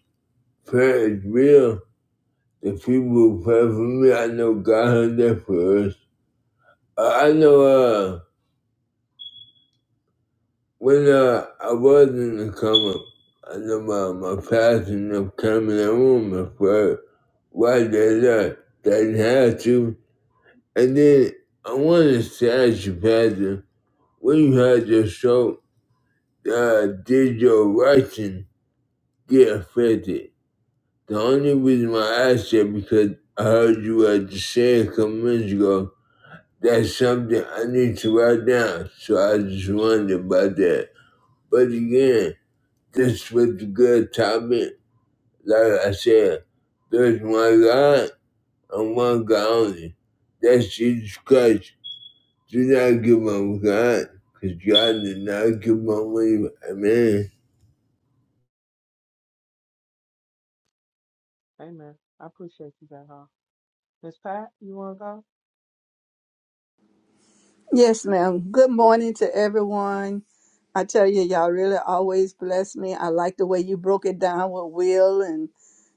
Prayer is real. The people who pray for me, I know God heard their prayers. I, I know uh, when uh, I was in the coma, I know my, my pastor and came in the room and prayed. Why did that? They didn't have to. And then I wanted to ask you, Pastor, when you had your stroke, uh, did your writing get affected? The only reason why I asked that because I heard you at the saying a couple minutes ago That's something I need to write down. So I just wondered about that. But again, this was a good topic. Like I said, there's one God and one God only. That's Jesus Christ. Do not give up God, because God did not give up on you. Amen.
Amen. I appreciate you guys all. Miss Pat, you wanna go?
Yes, ma'am. Good morning to everyone. I tell you, y'all really always bless me. I like the way you broke it down with Will and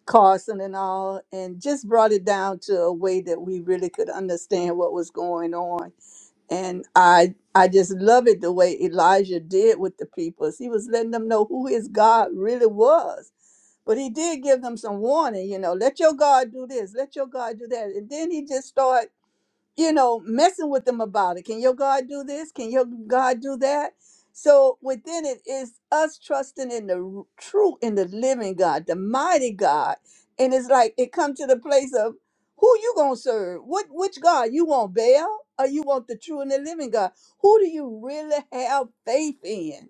Carson and all, and just brought it down to a way that we really could understand what was going on. And I I just love it the way Elijah did with the people. He was letting them know who his God really was. But he did give them some warning, you know, let your God do this, let your God do that. And then he just started you know, messing with them about it. Can your God do this? Can your God do that? So within it is us trusting in the r- true, in the living God, the mighty God. And it's like it come to the place of who you gonna serve? What which God? You want Baal or you want the true and the living God? Who do you really have faith in?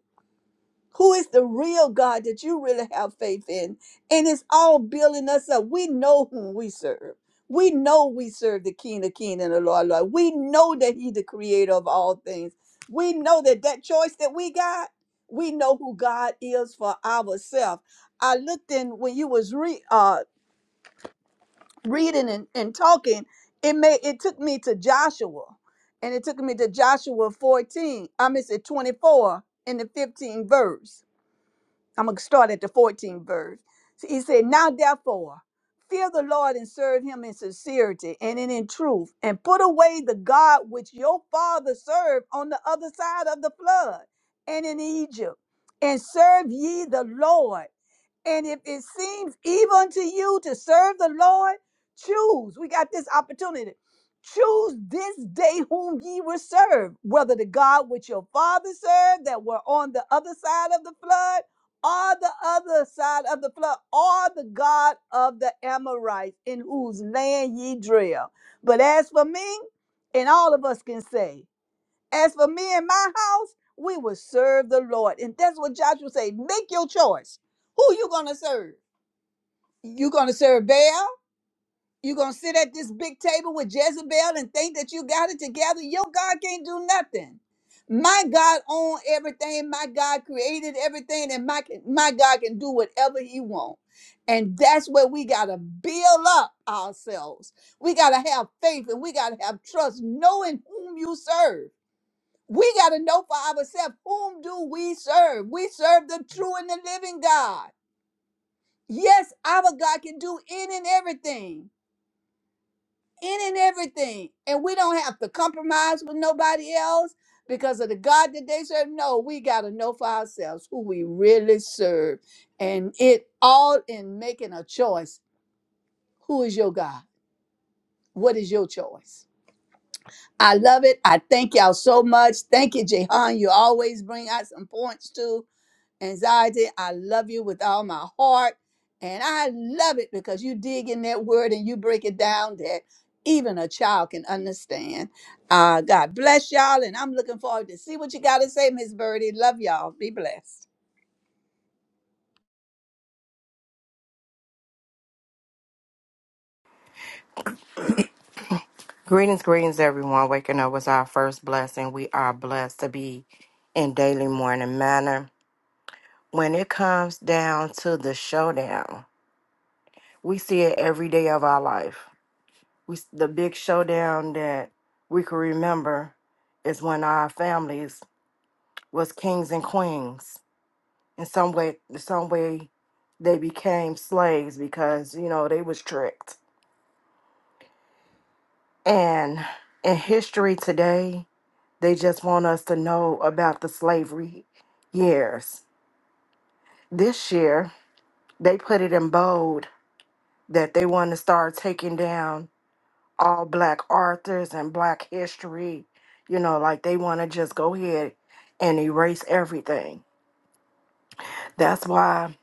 Who is the real God that you really have faith in? And it's all building us up. We know whom we serve. We know we serve the King of King and the Lord Lord. We know that He's the creator of all things. We know that that choice that we got, we know who God is for ourselves. I looked in when you was re, uh, reading and, and talking, it made it took me to Joshua. And it took me to Joshua 14. I mean, it's at 24 in the 15 verse I'm going to start at the 14th verse. He said, Now therefore, fear the Lord and serve him in sincerity and in, in truth, and put away the God which your father served on the other side of the flood and in Egypt, and serve ye the Lord. And if it seems evil unto you to serve the Lord, choose. We got this opportunity. Choose this day whom ye will serve, whether the God which your father served that were on the other side of the flood, or the other side of the flood, or the God of the Amorites in whose land ye dwell. But as for me, and all of us can say, as for me and my house, we will serve the Lord. And that's what Joshua say. Make your choice. Who you gonna serve? You gonna serve Baal? You gonna sit at this big table with Jezebel and think that you got it together? Your God can't do nothing. My God own everything. My God created everything, and my my God can do whatever He wants. And that's where we gotta build up ourselves. We gotta have faith and we gotta have trust, knowing whom you serve. We got to know for ourselves whom do we serve? We serve the true and the living God. Yes, our God can do any and everything, any and everything. And we don't have to compromise with nobody else because of the God that they serve. No, we got to know for ourselves who we really serve. And it all in making a choice. Who is your God? What is your choice? I love it. I thank y'all so much. Thank you, Jehan. You always bring out some points too anxiety. I love you with all my heart. And I love it because you dig in that word and you break it down that even a child can understand. Uh, God bless y'all. And I'm looking forward to see what you got to say, Miss Birdie. Love y'all. Be blessed.
Greetings, greetings, everyone. Waking up was our first blessing. We are blessed to be in daily morning manner. When it comes down to the showdown, we see it every day of our life. We the big showdown that we can remember is when our families was kings and queens. In some way, some way, they became slaves because you know they was tricked. And in history today, They just want us to know about the slavery years. This year, they put it in bold that they want to start taking down all black authors and black history. You know, like they want to just go ahead and erase everything. That's why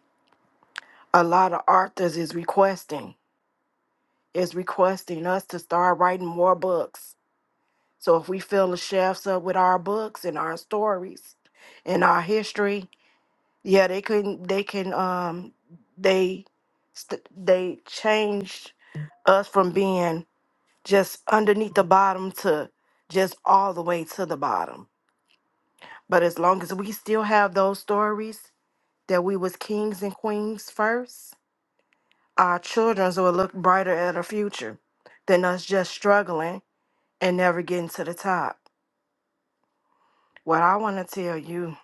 a lot of authors is requesting is requesting us to start writing more books. So if we fill the shelves up with our books and our stories and our history, Yeah, they couldn't. They can. Um, they st- they changed us from being just underneath the bottom to just all the way to the bottom. But as long as we still have those stories that we was kings and queens first, our childrens will look brighter at a future than us just struggling and never getting to the top. What I want to tell you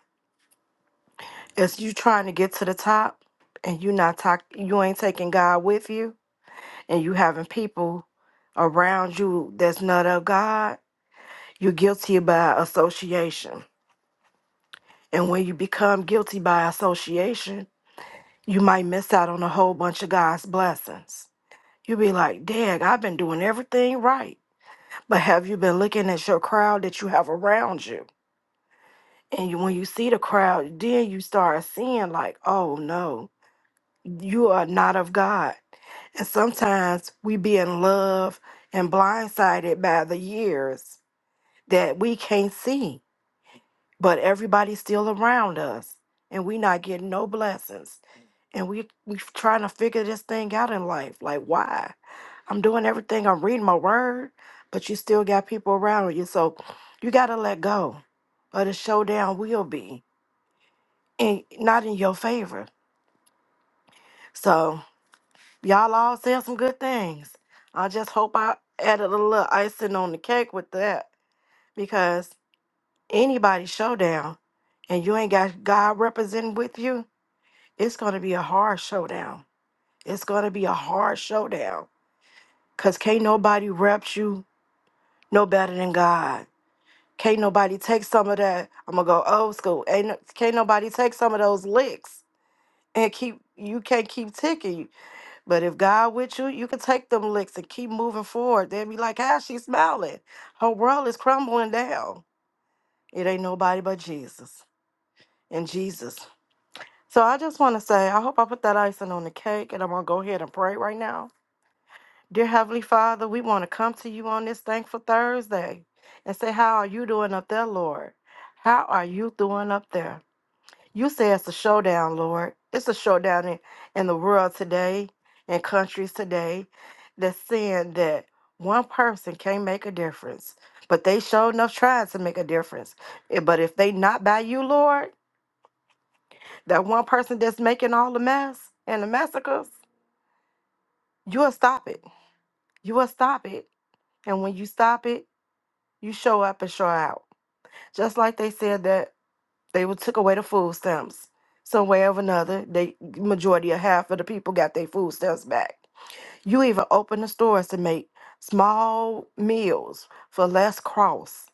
is, you trying to get to the top and you not talk, you ain't taking God with you and you having people around you that's not of God, you're guilty by association. And when you become guilty by association, you might miss out on a whole bunch of God's blessings. you be like, Dag, I've been doing everything right. But have you been looking at your crowd that you have around you? And you, when you see the crowd, then you start seeing, like, oh no, you are not of God. And sometimes we be in love and blindsided by the years that we can't see, but everybody's still around us and we not getting no blessings. And we we trying to figure this thing out in life. Like why? I'm doing everything, I'm reading my word, but you still got people around you. So you gotta let go. Or the showdown will be in not in your favor. So y'all all said some good things. I just hope I added a little icing on the cake with that because anybody showdown and you ain't got God representing with you, it's going to be a hard showdown. It's going to be a hard showdown because can't nobody rep you no better than God. Can't nobody take some of that. I'm going to go old school. Ain't, no- can't nobody take some of those licks and keep, you can't keep ticking. But if God with you, you can take them licks and keep moving forward. They'll be like, how she smiling? Her world is crumbling down. It ain't nobody but Jesus and Jesus. So I just want to say, I hope I put that icing on the cake, and I'm going to go ahead and pray right now. Dear Heavenly Father, we want to come to you on this thankful Thursday and say, How are you doing up there, Lord? How are you doing up there? You say it's a showdown, Lord. It's a showdown in, in the world today, in countries today, that's saying that one person can't make a difference, but they sure enough trying to make a difference. Eh, But if they not by you, Lord, that one person that's making all the mess and the massacres, you'll stop it. You will stop it. And when you stop it, you show up and show out. Just like they said that they were, took away the food stamps. Some way or another, they majority of half of the people got their food stamps back. You even open the stores to make small meals for less cross.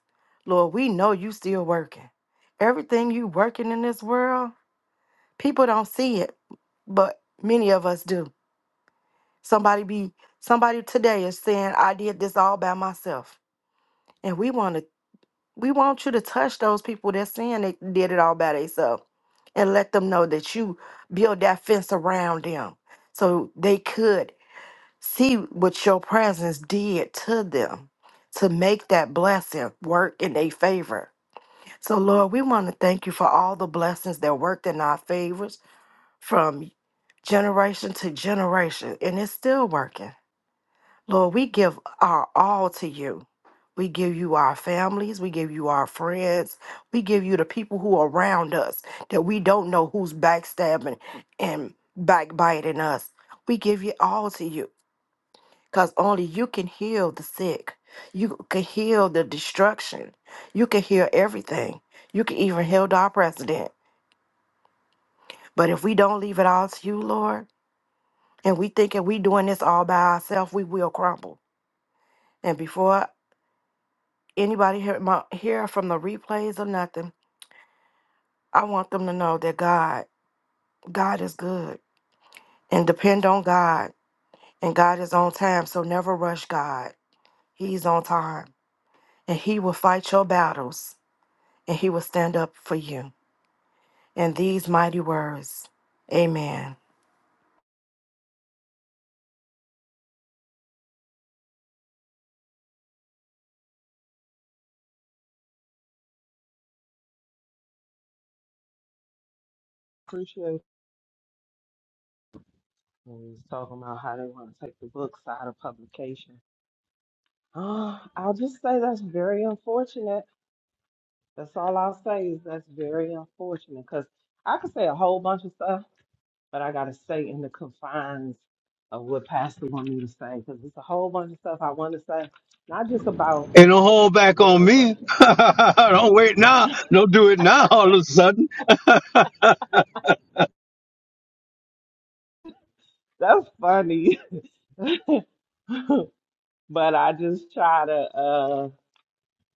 Lord, we know you still working. Everything you working in this world, people don't see it, but many of us do Somebody be somebody today is saying, I did this all by myself. And we want to we want you to touch those people that's saying they did it all by themselves and let them know that you build that fence around them so they could see what your presence did to them to make that blessing work in their favor. So Lord, we want to thank you for all the blessings that worked in our favors from generation to generation and it's still working. Lord, we give our all to you. We give you our families. We give you our friends. We give you the people who are around us that we don't know who's backstabbing and backbiting us. We give you all to you because only you can heal the sick. You can heal the destruction. You can heal everything. You can even heal our president. But if we don't leave it all to you, Lord, and we thinking we doing this all by ourselves, we will crumble. And before anybody hear my hear from the replays or nothing, I want them to know that God, God is good and depend on God and God is on time. So never rush God. He's on time and he will fight your battles and he will stand up for you. In these mighty words. Amen.
Appreciate when we was talking about how they wanna take the books out of publication. Uh, I'll just say that's very unfortunate. That's all I'll say is that's very unfortunate because I could say a whole bunch of stuff, but I gotta stay in the confines of what Pastor want me to say because it's a whole bunch of stuff I want to say, not just about the world, but that's funny. But I just try to, uh,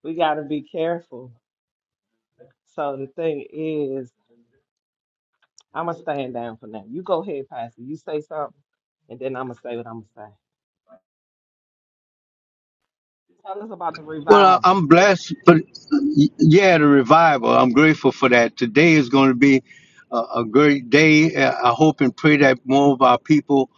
we got to be careful. So the thing is, I'm going to stand down for now. You go ahead, Pastor. You say something, and then I'm going to say what I'm going to say. Tell us about the
Well, I-
revival.
I'm blessed, but y- yeah, the revival. I'm grateful for that. Today is going to be a, a great day. Uh, I hope and pray that more of our people,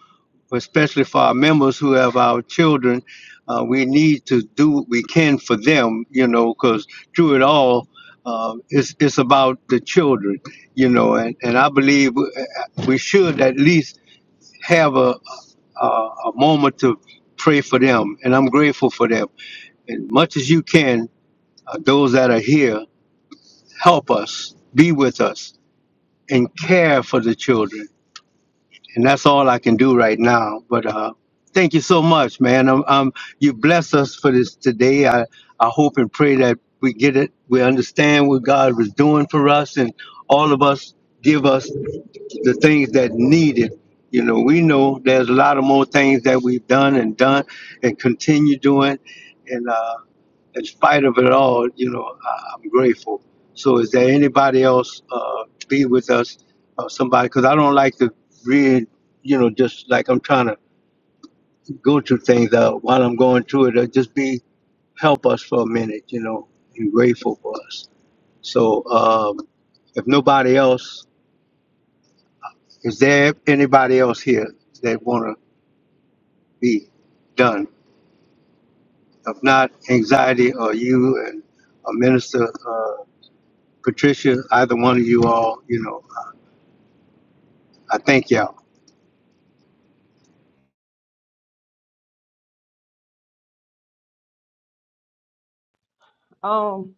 especially for our members who have our children, uh, we need to do what we can for them, you know, because through it all, uh, it's, it's about the children, you know, and, and I believe uh, we should at least have a, a, a moment to pray for them, and I'm grateful for them as much as you can uh, those that are here, help us, be with us, and care for the children. And that's all I can do right now. But uh, thank you so much, man. Um, um, you bless us for this today. I, I hope and pray that we get it, we understand us for a minute, you know, and grateful for us. So um, if nobody else, is there anybody else here that want to be done? If not, anxiety or you and a minister. uh, Patricia, either one of you all, you know, I thank y'all.
Um,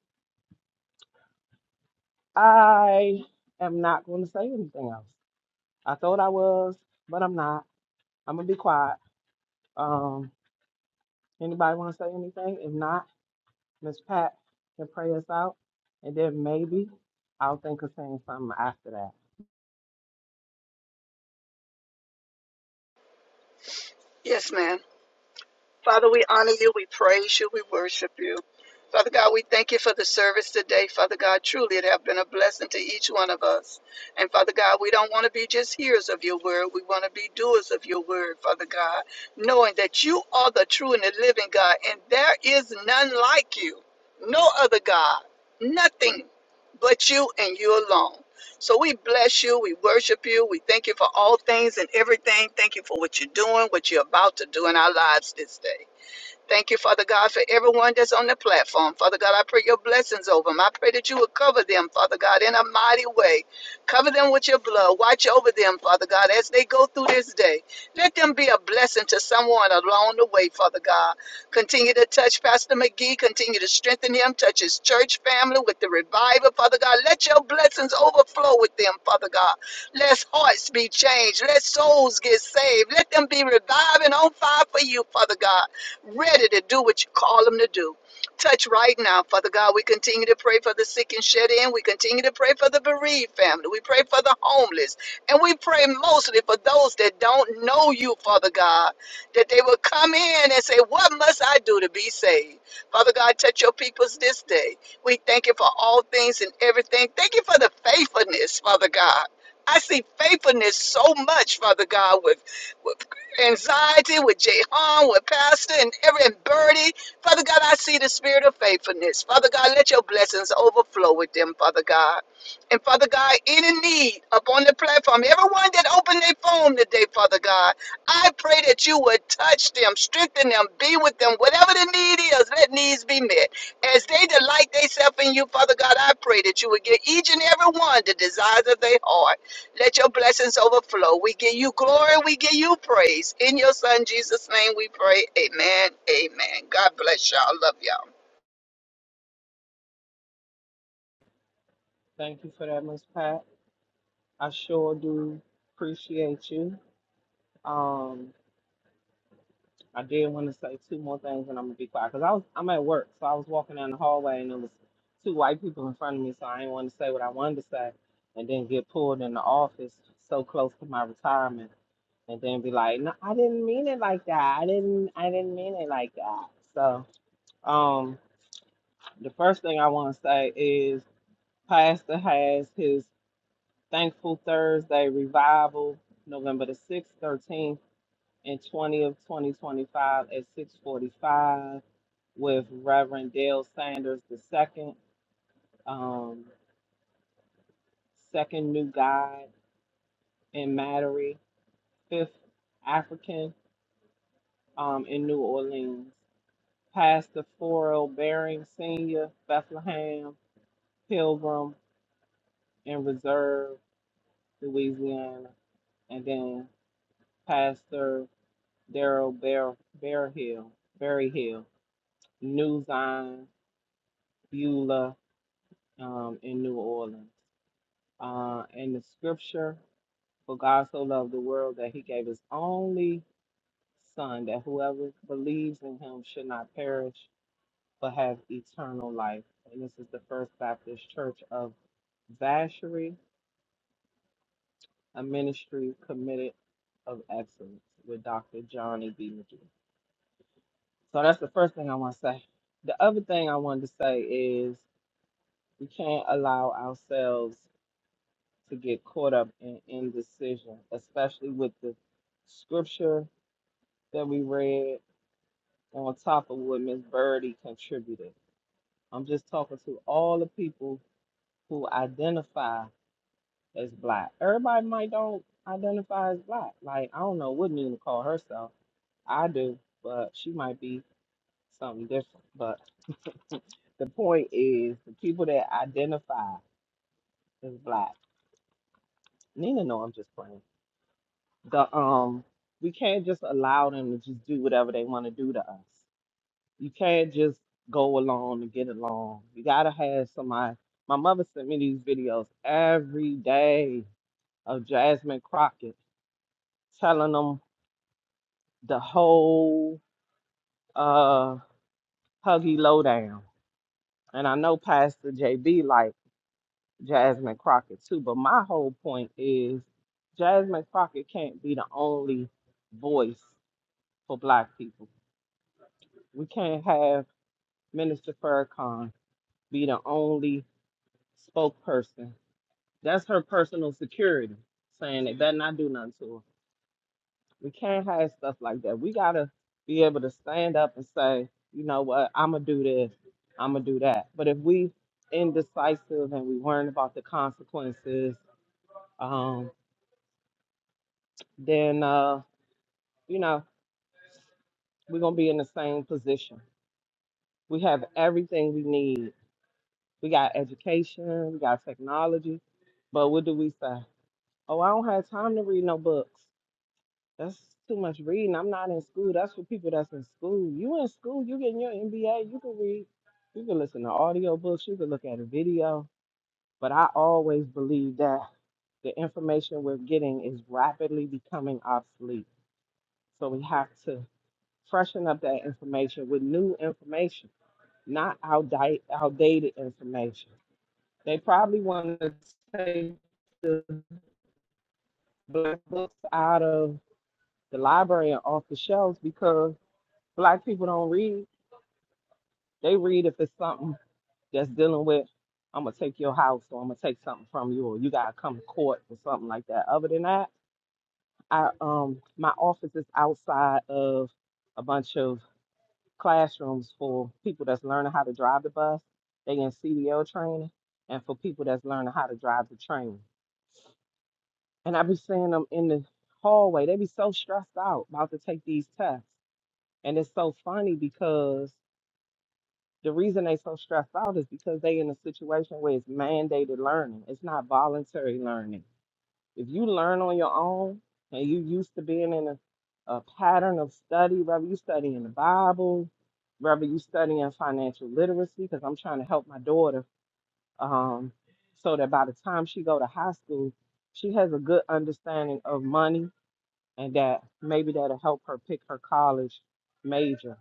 I am not going to say anything else. I thought I was, but I'm not. I'm going to be quiet. Um, anybody want to say anything? If not, Miss Pat can pray us out, and then maybe I'll think of saying something after that.
Yes, ma'am. Father, we honor you, we praise you, we worship you. Father God, we thank you for the service today. Father God, truly it have been a blessing to each one of us. And Father God, we don't want to be just hearers of your word. We want to be doers of your word, Father God, knowing that you are the true and the living God, and there is none like you, no other God, nothing but you and you alone. So we bless you, we worship you, we thank you for all things and everything. Thank you for what you're doing, what you're about to do in our lives this day. Thank you, Father God, for everyone that's on the platform. Father God, I pray your blessings over them. I pray that you will cover them, Father God, in a mighty way. Cover them with your blood. Watch over them, Father God, as they go through this day. Let them be a blessing to someone along the way, Father God. Continue to touch Pastor McGee. Continue to strengthen him. Touch his church family with the revival, Father God. Let your blessings overflow with them, Father God. Let hearts be changed. Let souls get saved. Let them be revived and on fire for you, Father God ready to do what you call them to do. Touch right now, Father God. We continue to pray for the sick and shed in. We continue to pray for the bereaved family. We pray for the homeless. And we pray mostly for those that don't know you, Father God, that they will come in and say, What must I do to be saved? Father God, touch your peoples this day. We thank you for all things and everything. Thank you for the faithfulness, Father God. I see faithfulness so much, Father God, with, with anxiety with Jehan, with Pastor and every and Birdie. Father God, I see the spirit of faithfulness. Father God, let your blessings overflow with them, Father God. And Father God, any need upon the platform, everyone that opened their phone today, Father God, I pray that you would touch them, strengthen them, be with them. Whatever the need is, let needs be met. As they delight themselves in you, Father God, I pray that you would give each and every one the desires of their heart. Let your blessings overflow. We give you glory. We give you praise. In your son Jesus' name we pray. Amen. Amen. God bless y'all. Love y'all.
Thank you for that, Miss Pat. I sure do appreciate you. Um, I did want to say two more things, and I'm gonna be quiet because I was I'm at work, so I was walking down the hallway, and there was two white people in front of me, so I didn't want to say what I wanted to say, and then get pulled in the office so close to my retirement, and then be like, "No, I didn't mean it like that. I didn't. I didn't mean it like that." So, um, the first thing I want to say is Pastor has his Thankful Thursday revival November the sixth, thirteenth. and 20 of 2025 at 645 with Reverend Dale Sanders the second, um, second new God in Mattery, fifth African um, in New Orleans. Pastor Forrell Baring Sr., Bethlehem, Pilgrim, and Reserve, Louisiana. And then Pastor Daryl Bear, Bear Hill, Berry Hill, New Zion, Beulah, um, in New Orleans. Uh, and the scripture, for God so loved the world that he gave his only son, that whoever believes in him should not perish, but have eternal life. And this is the First Baptist Church of Vacherie, a ministry committed of excellence with Dr. Johnny B. McGee. So that's the first thing I want to say. The other thing I wanted to say is we can't allow ourselves to get caught up in indecision, especially with the scripture that we read on top of what Miss Birdie contributed. I'm just talking to all the people who identify as black. Everybody might don't identify as black. Like I don't know what Nina call herself. I do, but she might be something different. But the point is the people that identify as black. Nina know I'm just playing the um we can't just allow them to just do whatever they want to do to us. You can't just go along and get along. You gotta have somebody. My mother sent me these videos every day of Jasmine Crockett telling them the whole uh huggy lowdown. And I know Pastor JB like Jasmine Crockett too, but my whole point is Jasmine Crockett can't be the only voice for black people. We can't have Minister Farrakhan be the only spokesperson. That's her personal security, saying they better not do nothing to her. We can't have stuff like that. We gotta be able to stand up and say, you know what, I'ma do this, I'ma do that. But if we indecisive and we worrying about the consequences, um, then uh, you know, we're gonna be in the same position. We have everything we need. We got education, we got technology, but what do we say? Oh, I don't have time to read no books. That's too much reading. I'm not in school. That's for people that's in school. You in school, you getting your MBA, you can read, you can listen to audio books, you can look at a video. But I always believe that the information we're getting is rapidly becoming obsolete. So we have to freshen up that information with new information, not outdated outdated information. They probably want to take the black books out of the library and off the shelves because black people don't read. They read if it's something that's dealing with, I'm gonna take your house or I'm gonna take something from you or you gotta come to court or something like that. Other than that, I um my office is outside of a bunch of classrooms for people that's learning how to drive the bus. They in CDL training and for people that's learning how to drive the train. And I be seeing them in the hallway. They be so stressed out about to take these tests. And it's so funny because The reason they so stressed out is because they in a situation where it's mandated learning. It's not voluntary learning. If you learn on your own and you used to being in a, a pattern of study, whether you studying the Bible, whether you studying financial literacy, because I'm trying to help my daughter um, so that by the time she go to high school, she has a good understanding of money and that maybe that'll help her pick her college major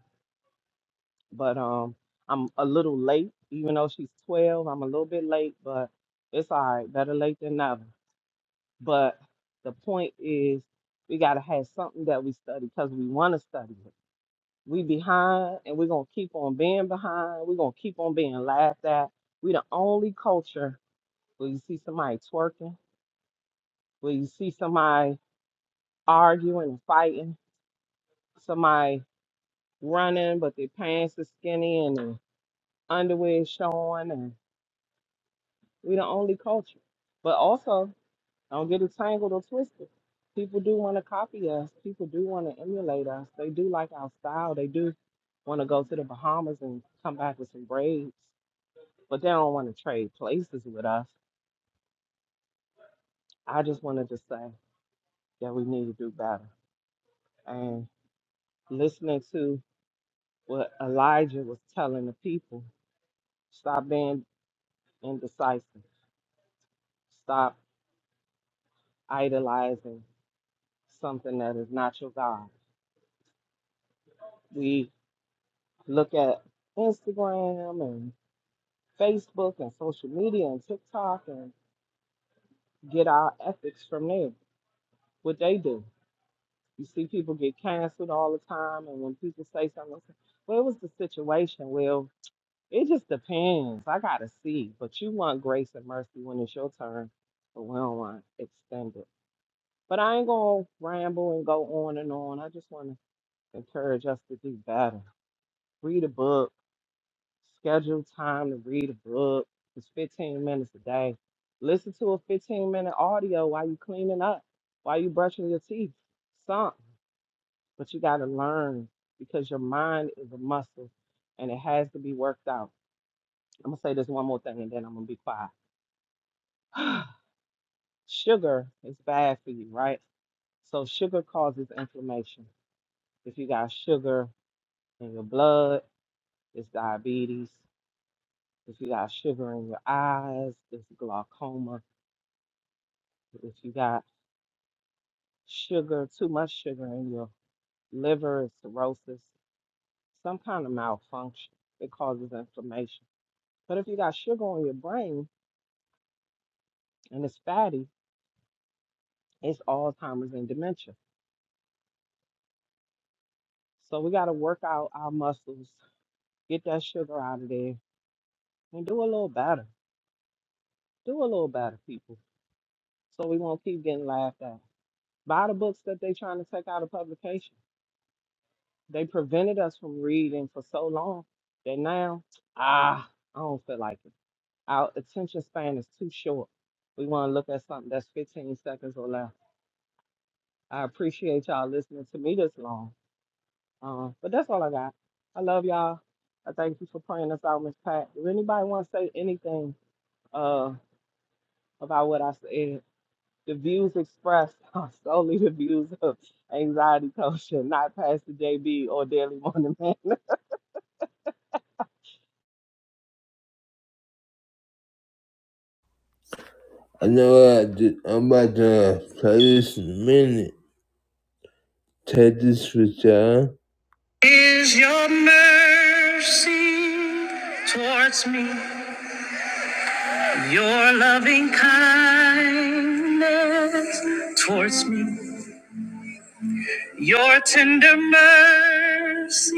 but um I'm a little late, even though she's 12, I'm a little bit late, but it's all right, better late than never. But the point is we gotta have something that we study because we wanna study it. We behind and we're gonna keep on being behind. We're gonna keep on being laughed at. We the only culture where you see somebody twerking, where you see somebody arguing and fighting, somebody running, but their pants is skinny and their underwear is showing We the only culture. But also, don't get it tangled or twisted. People do want to copy us. People do want to emulate us. They do like our style. They do want to go to the Bahamas and come back with some braids, but they don't want to trade places with us. I just wanted to say that we need to do better. And listening to what Elijah was telling the people, stop being indecisive. Stop idolizing something that is not your God. We. look at Instagram and Facebook and social media and TikTok and get our ethics from there. What they do. You see people get canceled all the time, and when people say something, they say, well, it was the situation. Well, it just depends. I gotta see. But you want grace and mercy when it's your turn, but we don't want extended. But I ain't gonna ramble and go on and on. I just want to encourage us to do better. Read a book schedule time to read a book. It's 15 minutes a day. Listen to a 15 minute audio while you cleaning up, while you brushing your teeth, something. But you got to learn because your mind is a muscle and it has to be worked out. I'm going to say this one more thing and then I'm going to be quiet. sugar is bad for you, right? So, sugar causes inflammation. If you got sugar in your blood, it's diabetes. If you got sugar in your eyes, it's glaucoma If you got sugar, too much sugar in your liver, it's cirrhosis, some kind of malfunction. It causes inflammation. But if you got sugar on your brain and it's fatty, it's Alzheimer's and dementia. So we got to work out our muscles, get that sugar out of there, and do a little better. Do a little better, people. So we won't keep getting laughed at. Buy the books that they are trying to take out of publication. They prevented us from reading for so long that now, ah, I don't feel like it. Our attention span is too short. We want to look at something that's 15 seconds or less. I appreciate y'all listening to me this long. Um, but that's all I got. I love y'all. I thank you for praying us out, Miss Pat. If anybody want to say anything uh, about what I said, the views expressed are solely the views of anxiety culture, not Pastor JB or Daily Morning Man.
I know I did, I'm about to play this in a minute. Take this with y'all. Is your mercy towards me? Your loving kindness towards me, your tender mercy,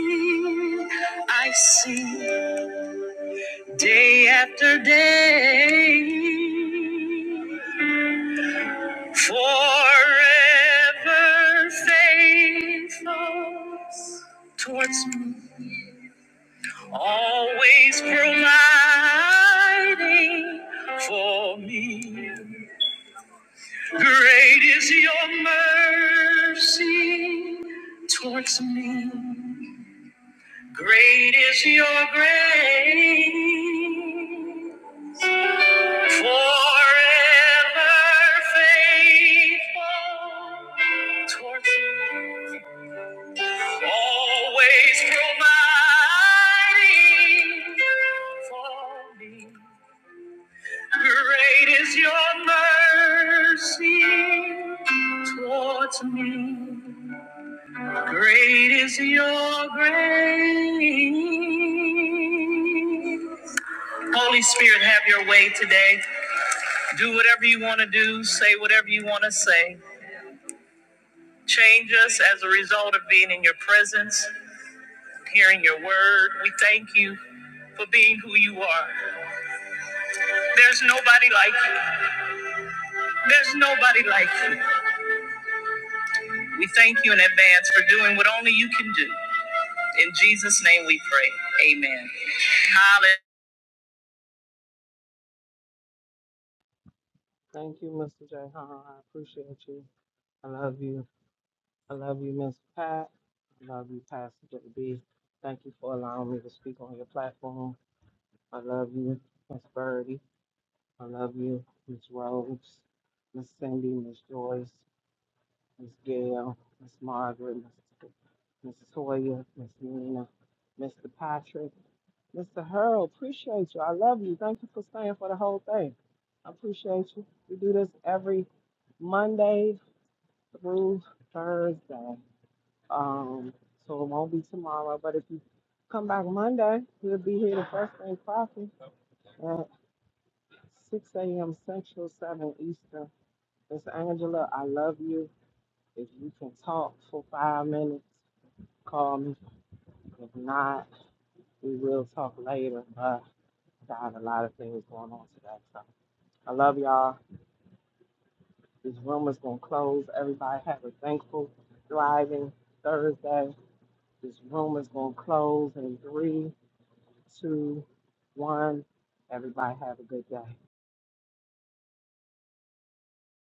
I see day after day. Forever faithful towards me, always providing for me. Great is your mercy towards me. Great is your grace. Forever faithful towards me. Always providing for me. Great is your mercy towards me. Great is your grace. Holy Spirit, have your way today. Do whatever you want to do, say whatever you want to say. Change us as a result of being in your presence, hearing your word. We thank you for being who you are. There's nobody like you. There's nobody like you. We thank you in advance for doing what only you can do. In Jesus' name we pray. Amen. Hallelujah.
thank you, Mr. J. I appreciate you. I love you. I love you, Miss Pat. I love you, Pastor JB. Thank you for allowing me to speak on your platform. I love you, Miss Birdie. I love you, Miss Rose, Miss Cindy, Miss Joyce, Miss Gail, Miss Margaret, Miss, Miss Toya, Miss Nina, Mr. Patrick, Mr. Hurl. Appreciate you. I love you. Thank you for staying for the whole thing. I appreciate you. We do this every Monday through Thursday. Um, so it won't be tomorrow. But if you come back Monday, we'll be here the first thing cracking at 6 a.m. Central, 7 Eastern. Miss Angela, I love you. If you can talk for five minutes, call me. If not, we will talk later. But I got a lot of things going on today. So I love y'all. This room is going to close. Everybody have a thankful, thriving Thursday. This room is going to close in three, two, one. Everybody have a good day.